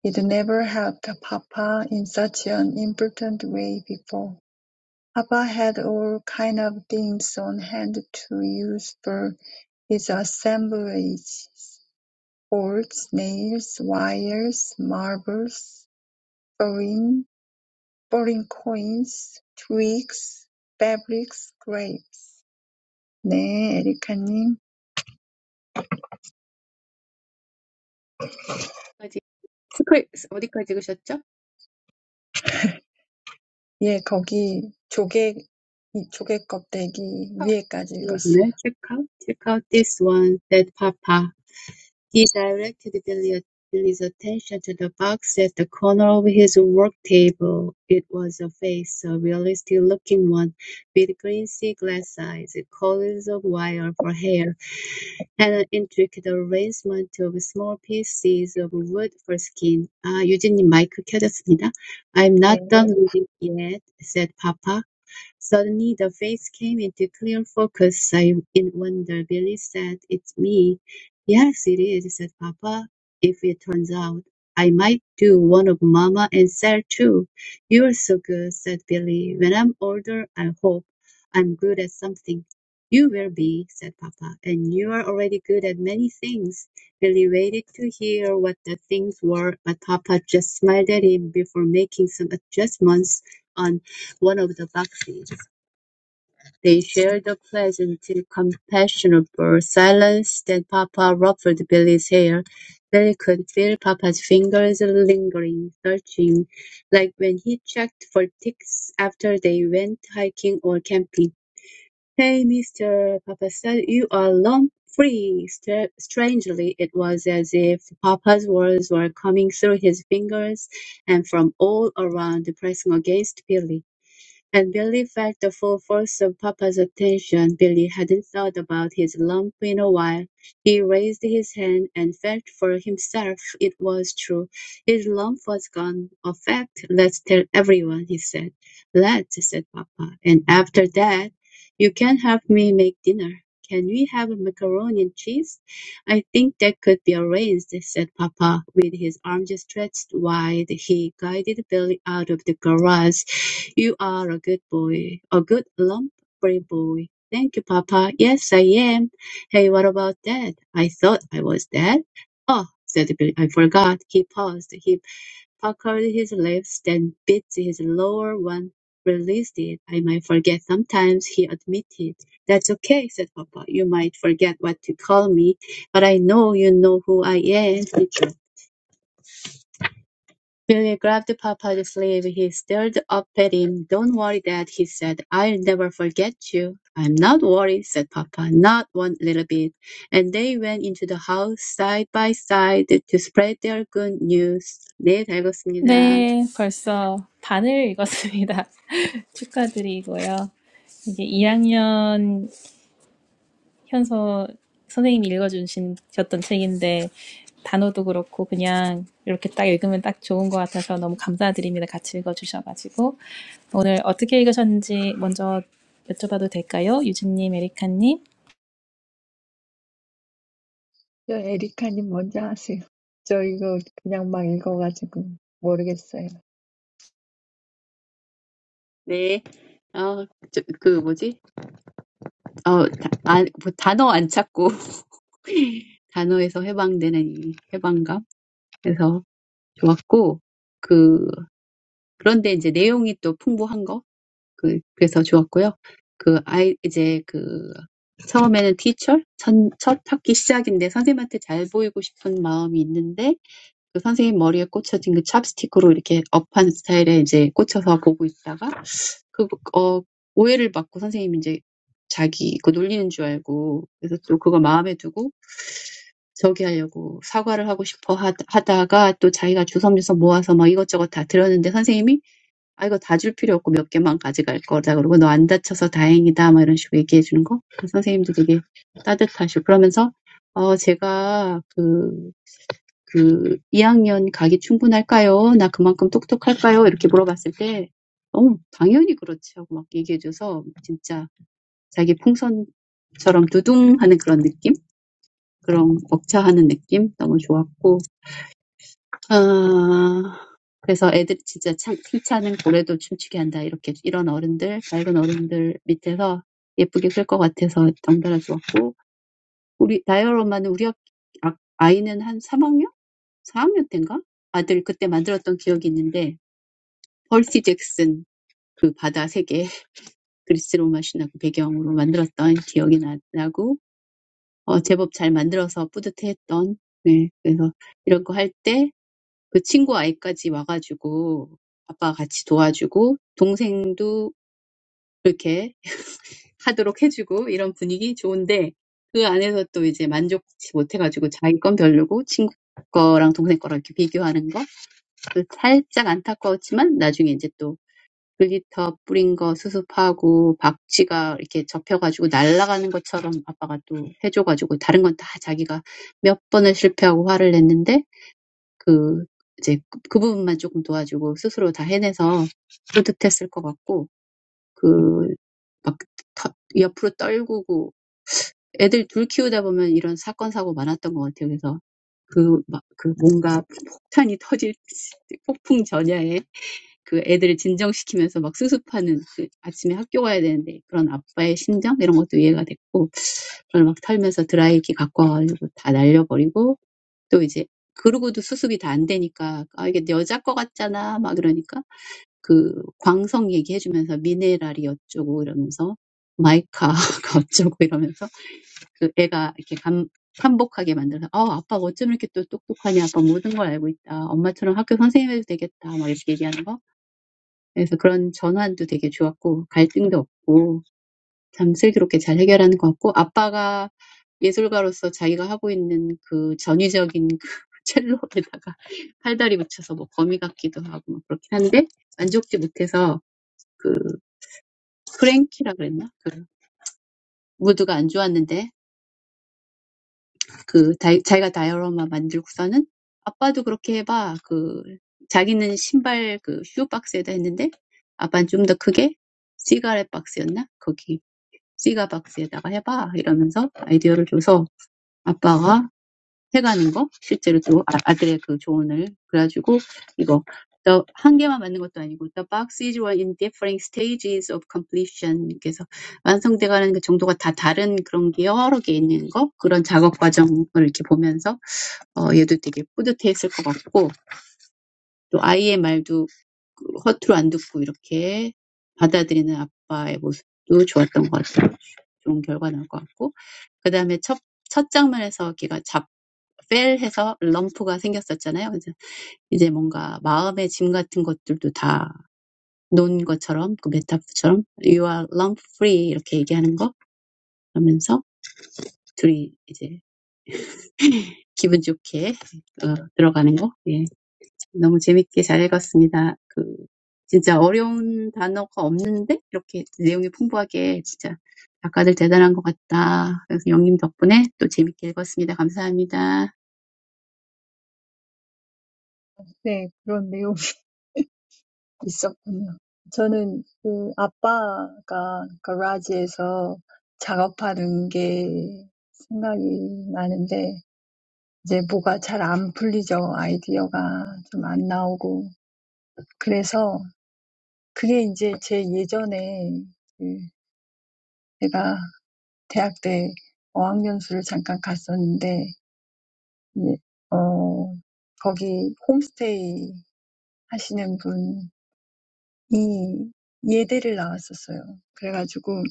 Speaker 2: He'd never helped Papa in such an important way before. Papa had all kind of things on hand to use for his assemblage Bolts, nails, wires, marbles, foreign foreign coins, twigs, fabrics, grapes. 네, 에리카님.
Speaker 4: 어디까지- 스크립, 어디까지 읽으셨죠?
Speaker 2: 예, 거기 조개, 이 조개 껍데기 위에까지 읽었어요.
Speaker 4: 체크아웃, check out this one, said Papa. He directed Billy's attention to the box at the corner of his work table. It was a face, a realistic-looking one, with green sea glass eyes, coils of wire for hair, and an intricate arrangement of small pieces of wood for skin. "아, 유진님 마이크 켜졌습니다. I'm
Speaker 2: 예,
Speaker 4: not done reading yet," said Papa. Suddenly the face came into clear focus. I in wonder. Billy said, It's me. Yes, it is, said Papa. If it turns out, I might do one of Mama and Sarah too. You're so good, said Billy. When I'm older, I hope I'm good at something. You will be, said Papa, and you are already good at many things. Billy waited to hear what the things were, but Papa just smiled at him before making some adjustments on one of the boxes. They shared a pleasant, companionable silence. Then papa ruffled Billy's hair. Billy could feel papa's fingers lingering, searching, like when he checked for ticks after they went hiking or camping. Hey, mister, papa said, you are lump free. Stra- Strangely, it was as if papa's words were coming through his fingers and from all around, pressing against Billy. And Billy felt the full force of Papa's attention. Billy hadn't thought about his lump in a while. He raised his hand and felt for himself. It was true. His lump was gone. A fact. Let's tell everyone, he said. Let's, said Papa. And after that, you can help me make dinner. Can we have macaroni and cheese? I think that could be arranged, said Papa, with his arms stretched wide. He guided Billy out of the garage. You are a good boy, a good lump brave boy. Thank you, Papa. Yes, I am. Hey, what about Dad? I thought I was Dad. Oh, said Billy, I forgot. He paused. He puckered his lips, then bit his lower one, released it. I might forget sometimes, he admitted. That's okay, said Papa. You might forget what to call me. But I know you know who I am. Billy grabbed Papa's sleeve. He stared up at him. Don't worry, Dad, he said. I'll never forget you. I'm not worried, said Papa, not one little bit. And they went into the house side by side to spread their good news. 네, 잘 읽었습니다.
Speaker 1: 네, 벌써 반을 읽었습니다. 축하드리고요. 이제 2학년 현서 선생님이 읽어주셨던 책인데, 단어도 그렇고, 그냥 이렇게 딱 읽으면 딱 좋은 것 같아서 너무 감사드립니다. 같이 읽어주셔가지고. 오늘 어떻게 읽으셨는지 먼저 여쭤봐도 될까요? 유진님, 에리카님.
Speaker 2: 저 에리카님 먼저 하세요. 저 이거 그냥 막 읽어가지고 모르겠어요.
Speaker 4: 네. 어, 저, 그 뭐지? 어, 다, 아, 뭐 단어 안 찾고 단어에서 해방되는 이 해방감. 그래서 좋았고, 그 그런데 이제 내용이 또 풍부한 거그 그래서 좋았고요. 그 아이 이제 그 처음에는 티처 첫, 첫 학기 시작인데 선생님한테 잘 보이고 싶은 마음이 있는데 그 선생님 머리에 꽂혀진 그 찹스틱으로 이렇게 업한 스타일에 이제 꽂혀서 보고 있다가 그, 어, 오해를 받고 선생님이 이제 자기 그 놀리는 줄 알고 그래서 또 그거 마음에 두고 저기 하려고 사과를 하고 싶어 하- 하다가 또 자기가 주섬주섬 모아서 막 이것저것 다 들었는데 선생님이 아 이거 다 줄 필요 없고 몇 개만 가져갈 거다. 그러고 너 안 다쳐서 다행이다. 막 이런 식으로 얘기해 주는 거. 그 선생님도 되게 따뜻하시고 그러면서 어 제가 그, 그 2학년 가기 충분할까요? 나 그만큼 똑똑할까요? 이렇게 물어봤을 때 어, 당연히 그렇지 하고 막 얘기해 줘서 진짜 자기 풍선처럼 두둥 하는 그런 느낌? 그런 벅차하는 느낌? 너무 좋았고 아, 그래서 애들 진짜 찬, 힘차는 고래도 춤추게 한다. 이렇게 이런 어른들, 밝은 어른들 밑에서 예쁘게 클 것 같아서 덩달아 좋았고, 우리, 나열 엄마는 우리 학, 아- 아이는 한 3학년? 4학년 때인가? 아들 그때 만들었던 기억이 있는데, 펄시 잭슨 그 바다 세계 그리스 로마 신화 그 배경으로 만들었던 기억이 나, 나고, 어, 제법 잘 만들어서 뿌듯해했던, 네, 그래서 이런 거할때 그 친구 아이까지 와가지고 아빠가 같이 도와주고 동생도 그렇게 하도록 해주고 이런 분위기 좋은데 그 안에서 또 이제 만족치 못해가지고 자기 건 별로고 친구 거랑 동생 거랑 이렇게 비교하는 거그 살짝 안타까웠지만 나중에 이제 또 글리터 뿌린 거 수습하고 박쥐가 이렇게 접혀가지고 날아가는 것처럼 아빠가 또 해줘가지고 다른 건다 자기가 몇 번을 실패하고 화를 냈는데 그 이제 그, 그 부분만 조금 도와주고 스스로 다 해내서 뿌듯했을 것 같고 그 막 옆으로 떨구고 애들 둘 키우다 보면 이런 사건 사고 많았던 것 같아요. 그래서 그, 막, 그 뭔가 폭탄이 터질 폭풍 전야에 그 애들을 진정시키면서 막 수습하는 그 아침에 학교 가야 되는데 그런 아빠의 심정 이런 것도 이해가 됐고 그걸 막 털면서 드라이기 갖고 와가지고 다 날려버리고 또 이제 그러고도 수습이 다안 되니까 아 이게 여자 거 같잖아 막 이러니까 그 광석 얘기해주면서 미네랄이 어쩌고 이러면서 마이카가 어쩌고 이러면서 그 애가 이렇게 감 반복하게 만들어서 어 아빠 어쩜 이렇게 또 똑똑하냐 아빠 모든 걸 알고 있다 엄마처럼 학교 선생님 해도 되겠다 막 이렇게 얘기하는 거 그래서 그런 전환도 되게 좋았고 갈등도 없고 참 슬기롭게 잘 해결하는 것 같고 아빠가 예술가로서 자기가 하고 있는 그 전위적인 그 첼로에다가 팔다리 붙여서 뭐 거미 같기도 하고 막 그렇긴 한데 만족지 못해서 그 프랭키라 그랬나? 그 무드가 안 좋았는데 그 다, 자기가 다이어로마 만들고서는 아빠도 그렇게 해봐. 그 자기는 신발 그 슈 박스에다 했는데 아빠는 좀더 크게 시가렛 박스였나? 거기 시가 박스에다가 해봐 이러면서 아이디어를 줘서 아빠가 태가는 거 실제로 또 아들의 그 조언을 그래가지고 이거 the 한 개만 맞는 것도 아니고 the boxes were in different stages of completion 그래서 완성돼가는 그 정도가 다 다른 그런 게 여러 개 있는 거 그런 작업 과정을 이렇게 보면서 어 얘도 되게 뿌듯해했을 것 같고 또 아이의 말도 허투루 안 듣고 이렇게 받아들이는 아빠의 모습도 좋았던 것 같아요. 좋은 결과 나올 것 같고 그 다음에 첫, 첫 장면에서 걔가 잡 fail 해서 럼프가 생겼었잖아요. 그래서 이제 뭔가 마음의 짐 같은 것들도 다 놓은 것처럼 그 메타포처럼 you are lump free 이렇게 얘기하는 거 하면서 둘이 이제 기분 좋게 어, 들어가는 거. 예. 너무 재밌게 잘 읽었습니다. 그 진짜 어려운 단어가 없는데 이렇게 내용이 풍부하게 진짜 작가들 대단한 것 같다. 그래서 영님 덕분에 또 재밌게 읽었습니다. 감사합니다.
Speaker 2: 네, 그런 내용. 있었군요. 저는 그 아빠가 가라지에서 작업하는 게 생각이 나는데 이제 뭐가 잘안 풀리죠. 아이디어가 좀안 나오고. 그래서 그게 이제 제 예전에 그 제가 대학 때 어학연수를 잠깐 갔었는데 이제 어 거기 홈스테이 하시는 분이 예대를 나왔었어요. 그래가지고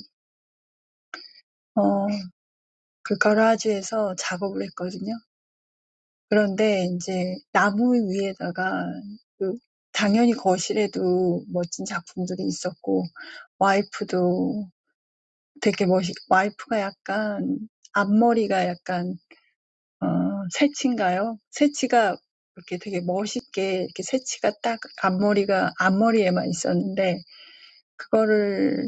Speaker 2: 그 가라지에서 작업을 했거든요. 그런데 이제 나무 위에다가 그 당연히 거실에도 멋진 작품들이 있었고 와이프도 되게 멋있 와이프가 약간 앞머리가 약간 어 새치인가요? 새치가 이렇게 되게 멋있게 이렇게 새치가 딱 앞머리가 앞머리에만 있었는데 그거를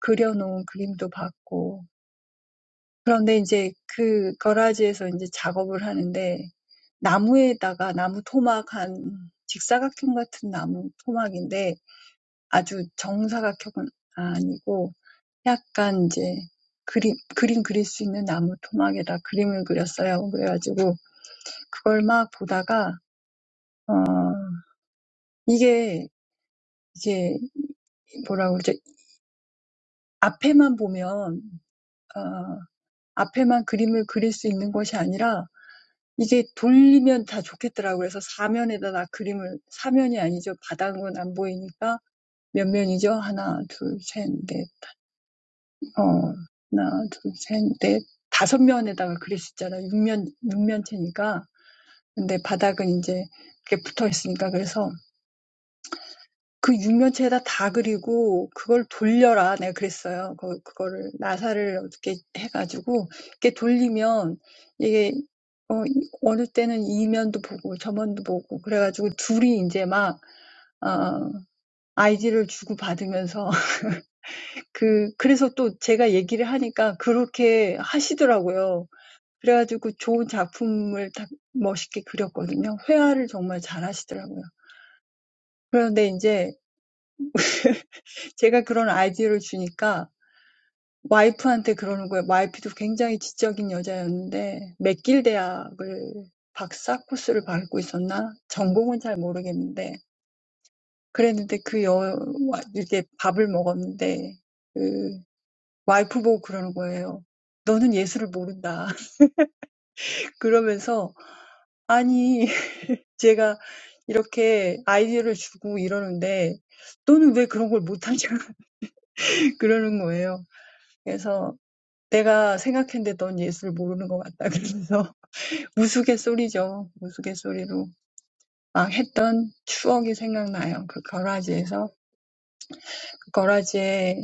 Speaker 2: 그려놓은 그림도 봤고 그런데 이제 그 가라지에서 이제 작업을 하는데 나무에다가 나무 토막 한 직사각형 같은 나무 토막인데 아주 정사각형은 아니고 약간 이제 그림, 그림 그릴 수 있는 나무 토막에다 그림을 그렸어요. 그래가지고 그걸 막 보다가 어 이게 이게 뭐라고 그러죠? 앞에만 보면 어 앞에만 그림을 그릴 수 있는 것이 아니라 이게 돌리면 다 좋겠더라고요. 그래서 사면에다가 그림을 사면이 아니죠. 바닥은 안 보이니까 몇 면이죠? 하나, 둘, 셋, 넷, 어, 하나, 둘, 셋, 넷, 다섯 면에다가 그렸었잖아요. 육면 육면체니까 근데 바닥은 이제 이렇게 붙어 있으니까 그래서 그 육면체에다 다 그리고 그걸 돌려라 내가 그랬어요. 그 그거를 나사를 어떻게 해가지고 이렇게 돌리면 이게 어 어느 때는 이면도 보고 저면도 보고 그래가지고 둘이 이제 막 어, 아이디를 주고 받으면서 그 그래서 또 제가 얘기를 하니까 그렇게 하시더라고요. 그래가지고 좋은 작품을 다 멋있게 그렸거든요. 회화를 정말 잘하시더라고요. 그런데 이제 제가 그런 아이디어를 주니까 와이프한테 그러는 거예요. 와이프도 굉장히 지적인 여자였는데 맥길 대학을 박사 코스를 밟고 있었나? 전공은 잘 모르겠는데 그랬는데 그 여, 와- 이렇게 밥을 먹었는데 그 와이프 보고 그러는 거예요. 너는 예술을 모른다. 그러면서 아니 제가 이렇게 아이디어를 주고 이러는데 너는 왜 그런 걸 못하냐? 그러는 거예요. 그래서 내가 생각했는데 넌 예술을 모르는 것 같다. 그래서. 우스갯소리죠. 우스갯소리로 막 했던 추억이 생각나요. 그 거라지에서 그 거라지에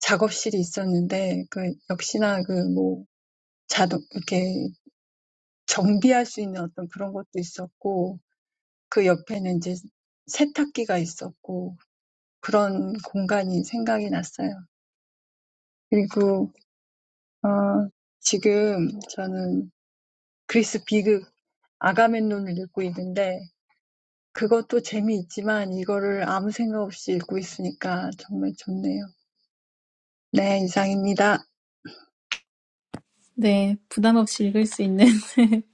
Speaker 2: 작업실이 있었는데 그 역시나 그뭐 자동 이렇게 정비할 수 있는 어떤 그런 것도 있었고 그 옆에는 이제 세탁기가 있었고 그런 공간이 생각이 났어요. 그리고 어 지금 저는 그리스 비극 아가멤논을 읽고 있는데 그것도 재미있지만 이거를 아무 생각 없이 읽고 있으니까 정말 좋네요. 네, 이상입니다.
Speaker 1: 네, 부담 없이 읽을 수 있는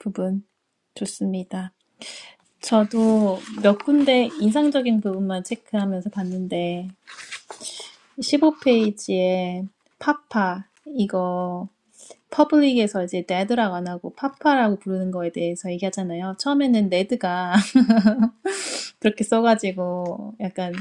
Speaker 1: 부분. 좋습니다. 저도 몇 군데 인상적인 부분만 체크하면서 봤는데, 십오 페이지에 파파, 이거 퍼블릭에서 이제 레드라고 안 하고 파파라고 부르는 거에 대해서 얘기하잖아요. 처음에는 레드가 그렇게 써가지고 약간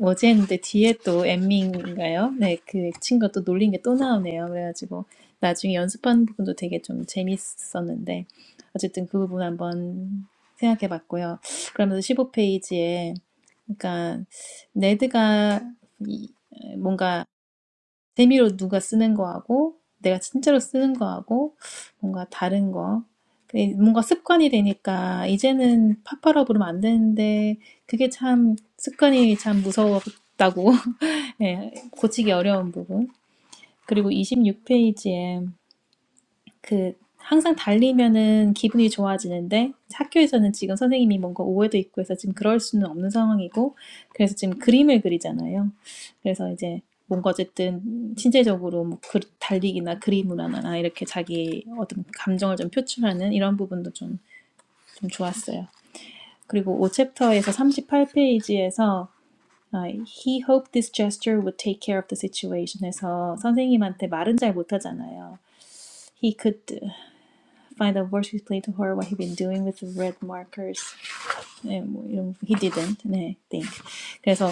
Speaker 1: 어제 했는데 뒤에 또 엠밍인가요? 네, 그 친구가 또 놀린 게 또 나오네요. 그래가지고 나중에 연습하는 부분도 되게 좀 재밌었는데 어쨌든 그 부분 한번 생각해 봤고요. 그러면서 십오 페이지에 그러니까 네드가 이, 뭔가 재미로 누가 쓰는 거하고 내가 진짜로 쓰는 거하고 뭔가 다른 거. 그게 뭔가 습관이 되니까 이제는 파파라 부르면 안 되는데 그게 참 습관이 참 무서웠다고 예, 고치기 어려운 부분. 그리고 이십육 페이지에. 그 항상 달리면은 기분이 좋아지는데 학교에서는 지금 선생님이 뭔가 오해도 있고 해서 지금 그럴 수는 없는 상황이고 그래서 지금 그림을 그리잖아요. 그래서 이제 뭔가 어쨌든 신체적으로 뭐 그, 달리기나 그림으로나 이렇게 자기 어떤 감정을 좀 표출하는 이런 부분도 좀, 좀 좋았어요. 그리고 5챕터에서 38페이지에서 아, He hoped this gesture would take care of the situation 해서 선생님한테 말은 잘 못하잖아요. He could find out words he's played to her, what he'd been doing with the red markers. 네, 뭐 이런 he didn't. 네, think. 그래서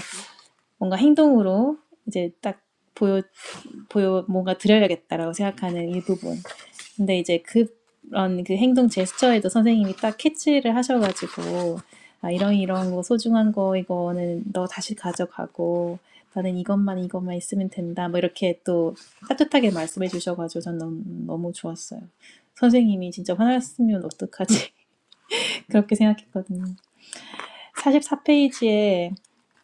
Speaker 1: 뭔가 행동으로 이제 딱 보여 보여 뭔가 드려야겠다라고 생각하는 일부분. 근데 이제 그런 그 행동 제스처에도 선생님이 딱 캐치를 하셔가지고 아 이런 이런 거 소중한 거 이거는 너 다시 가져가고 나는 이것만 이것만 있으면 된다. 뭐 이렇게 또 따뜻하게 말씀해 주셔가지고 전 너무, 너무 좋았어요. 선생님이 진짜 화났으면 어떡하지? 그렇게 생각했거든요. 44페이지에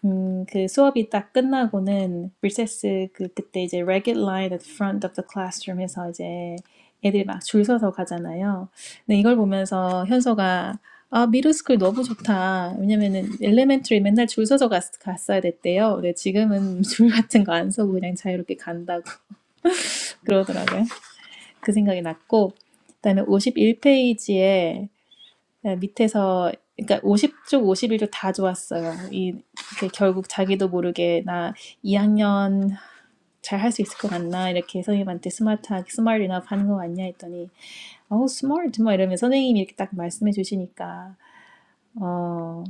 Speaker 1: 음, 그 수업이 딱 끝나고는 리세스 그 그때 이제 ragged line at the front of the classroom 해서 이제 애들이 막 줄 서서 가잖아요. 근데 이걸 보면서 현서가 아, 미드스쿨 너무 좋다. 왜냐면은 엘레멘터리 맨날 줄 서서 갔, 갔어야 됐대요. 근데 지금은 줄 같은 거 안 서고 그냥 자유롭게 간다고 그러더라고요. 그 생각이 났고 그다음에 오십일 페이지에 네, 밑에서 그러니까 50쪽 쪽다 좋았어요. 이 이렇게 결국 자기도 모르게 나 2학년 잘 할 수 있을 것 같나 이렇게 선생님한테 스마트하게 스마트 이나 하는 거 맞냐 했더니 어우 smart 막 이러면 선생님이 이렇게 딱 말씀해 주시니까 어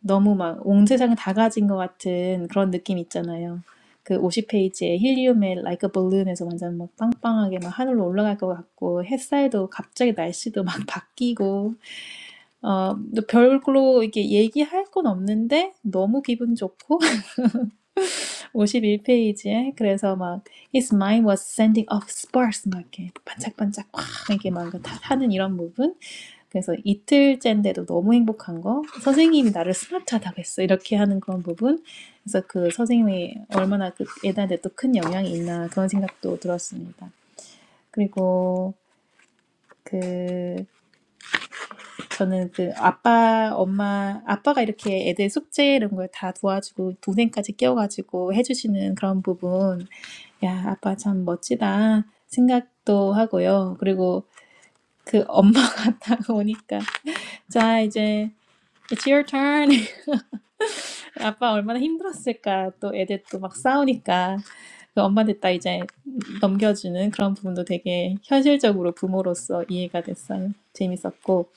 Speaker 1: 너무 막 온 세상 다 가진 것 같은 그런 느낌 있잖아요. 그 50페이지에 힐리움의 Like a Balloon에서 완전 막 빵빵하게 막 하늘로 올라갈 것 같고 햇살도 갑자기 날씨도 막 바뀌고 어, 근데 별로 이게 얘기할 건 없는데 너무 기분 좋고 오십일 페이지에 그래서 막 His mind was sending off sparks 막 이렇게 반짝반짝 확 이렇게 막 이거 다 하는 이런 부분 그래서 이틀째인데도 너무 행복한 거 선생님이 나를 스마트하다고 했어 이렇게 하는 그런 부분 그래서 그 선생님이 얼마나 그 애들한테 또 큰 영향이 있나 그런 생각도 들었습니다. 그리고 그 저는 그 아빠, 엄마, 아빠가 이렇게 애들 숙제 이런 걸 다 도와주고 동생까지 끼워가지고 해주시는 그런 부분, 야, 아빠 참 멋지다 생각도 하고요. 그리고 그 엄마가 딱 오니까, 자, 이제, It's your turn. 아빠 얼마나 힘들었을까. 또 애들 또 막 싸우니까. 그 엄마들 다 이제 넘겨주는 그런 부분도 되게 현실적으로 부모로서 이해가 됐어요. 재밌었고.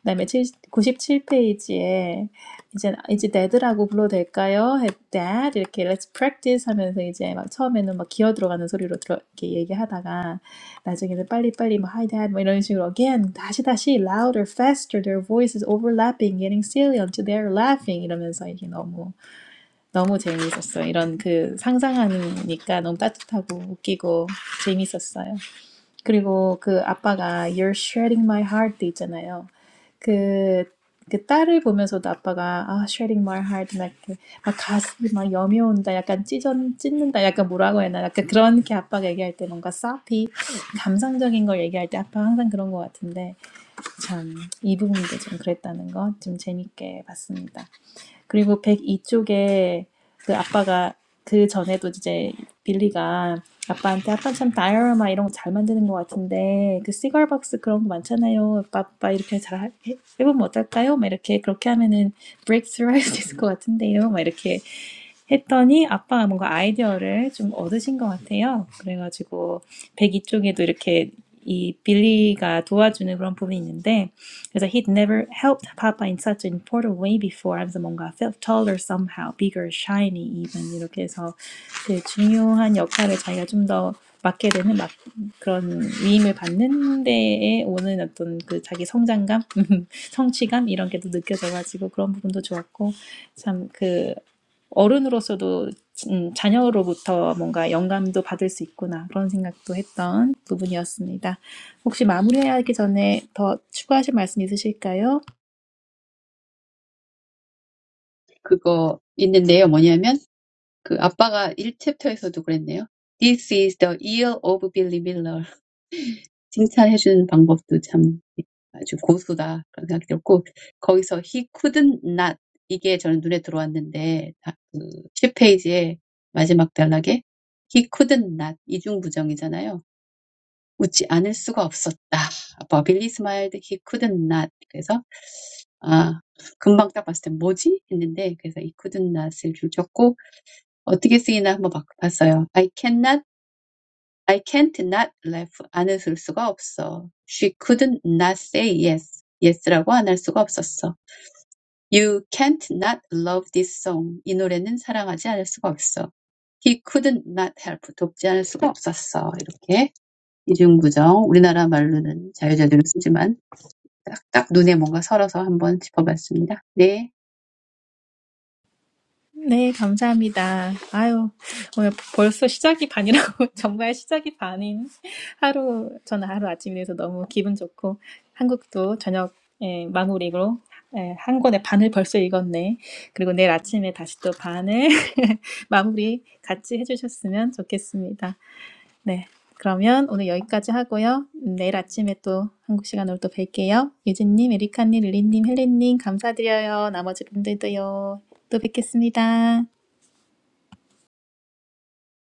Speaker 1: 그다음에 구십칠 페이지에 이제 이제 dad라고 불러도 될까요? dad 이렇게 let's practice 하면서 이제 막 처음에는 막 기어 들어가는 소리로 들어 이렇게 얘기하다가 나중에는 빨리빨리 뭐 hi dad 뭐 이런 식으로 again 다시 다시 louder faster their voices overlapping getting silly until they're laughing 이러면서 이게 너무 너무 재미있었어. 이런 그 상상하니까 너무 따뜻하고 웃기고 재밌었어요. 그리고 그 아빠가 You're shredding my heart 있잖아요. 그, 그 딸을 보면서도 아빠가 아, shredding my heart 막, 이렇게 막 가슴이 막 여며온다. 약간 찢어, 찢는다. 약간 뭐라고 해야 하나. 약간 그런 게 아빠가 얘기할 때 뭔가 soppy 감상적인 걸 얘기할 때 아빠 항상 그런 것 같은데 참 이 부분도 좀 그랬다는 거 좀 재밌게 봤습니다. 그리고 102쪽에 그 아빠가 그 전에도 이제 빌리가 아빠한테 아빠 참 다이어라마 이런 거 잘 만드는 것 같은데 그 시갈박스 그런 거 많잖아요. 아빠, 아빠 이렇게 잘 하- 해- 해보면 어떨까요? 막 이렇게 그렇게 하면은 브레이크스루 할 수 있을 것 같은데요. 막 이렇게 했더니 아빠가 뭔가 아이디어를 좀 얻으신 것 같아요. 그래가지고 102쪽에도 이렇게 이 빌리가 도와주는 그런 부분이 있는데 because he'd never helped Papa in such an important way before 하면서 뭔가 felt taller somehow, bigger, shiny even 이렇게 해서 그 중요한 역할을 자기가 좀 더 맡게 되는 막 그런 위임을 받는 데에 오는 어떤 그 자기 성장감, 성취감 이런 게도 느껴져가지고 그런 부분도 좋았고 참 그. 어른으로서도 자녀로부터 뭔가 영감도 받을 수 있구나 그런 생각도 했던 부분이었습니다. 혹시 마무리하기 전에 더 추가하실 말씀 있으실까요?
Speaker 4: 그거 있는데요. 뭐냐면 그 아빠가 일 챕터에서도 그랬네요. This is the year of Billy Miller. 칭찬해주는 방법도 참 아주 고수다 그런 생각이 들었고 거기서 he couldn't not 이게 저는 눈에 들어왔는데 다- 그 10페이지에 마지막 단락에 he couldn't not 이중부정이잖아요. 웃지 않을 수가 없었다. 아빠 빌리 smiled he couldn't not 그래서 아 금방 딱 봤을 때 뭐지 했는데 그래서 he couldn't not을 줄 쳤고 어떻게 쓰이나 한번 막 봤어요. I cannot I can't not laugh 안 웃을 수가 없어. She couldn't not say yes. yes라고 안 할 수가 없었어. You can't not love this song. 이 노래는 사랑하지 않을 수가 없어. He couldn't not help. 돕지 않을 수가 없었어. 이렇게 이중구정 우리나라 말로는 자유자재로 쓰지만 딱딱 눈에 뭔가 설어서 한번 짚어봤습니다. 네.
Speaker 1: 네, 감사합니다. 아유, 오늘 벌써 시작이 반이라고 정말 시작이 반인 하루 저는 하루 아침이라서 너무 기분 좋고 한국도 저녁 예, 마무리로 예, 한 권의 반을 벌써 읽었네. 그리고 내일 아침에 다시 또 반을 마무리 같이 해주셨으면 좋겠습니다. 네. 그러면 오늘 여기까지 하고요. 내일 아침에 또 한국 시간으로 또 뵐게요. 유진님, 에리카님, 릴리님, 헬렌님 감사드려요. 나머지 분들도요. 또 뵙겠습니다.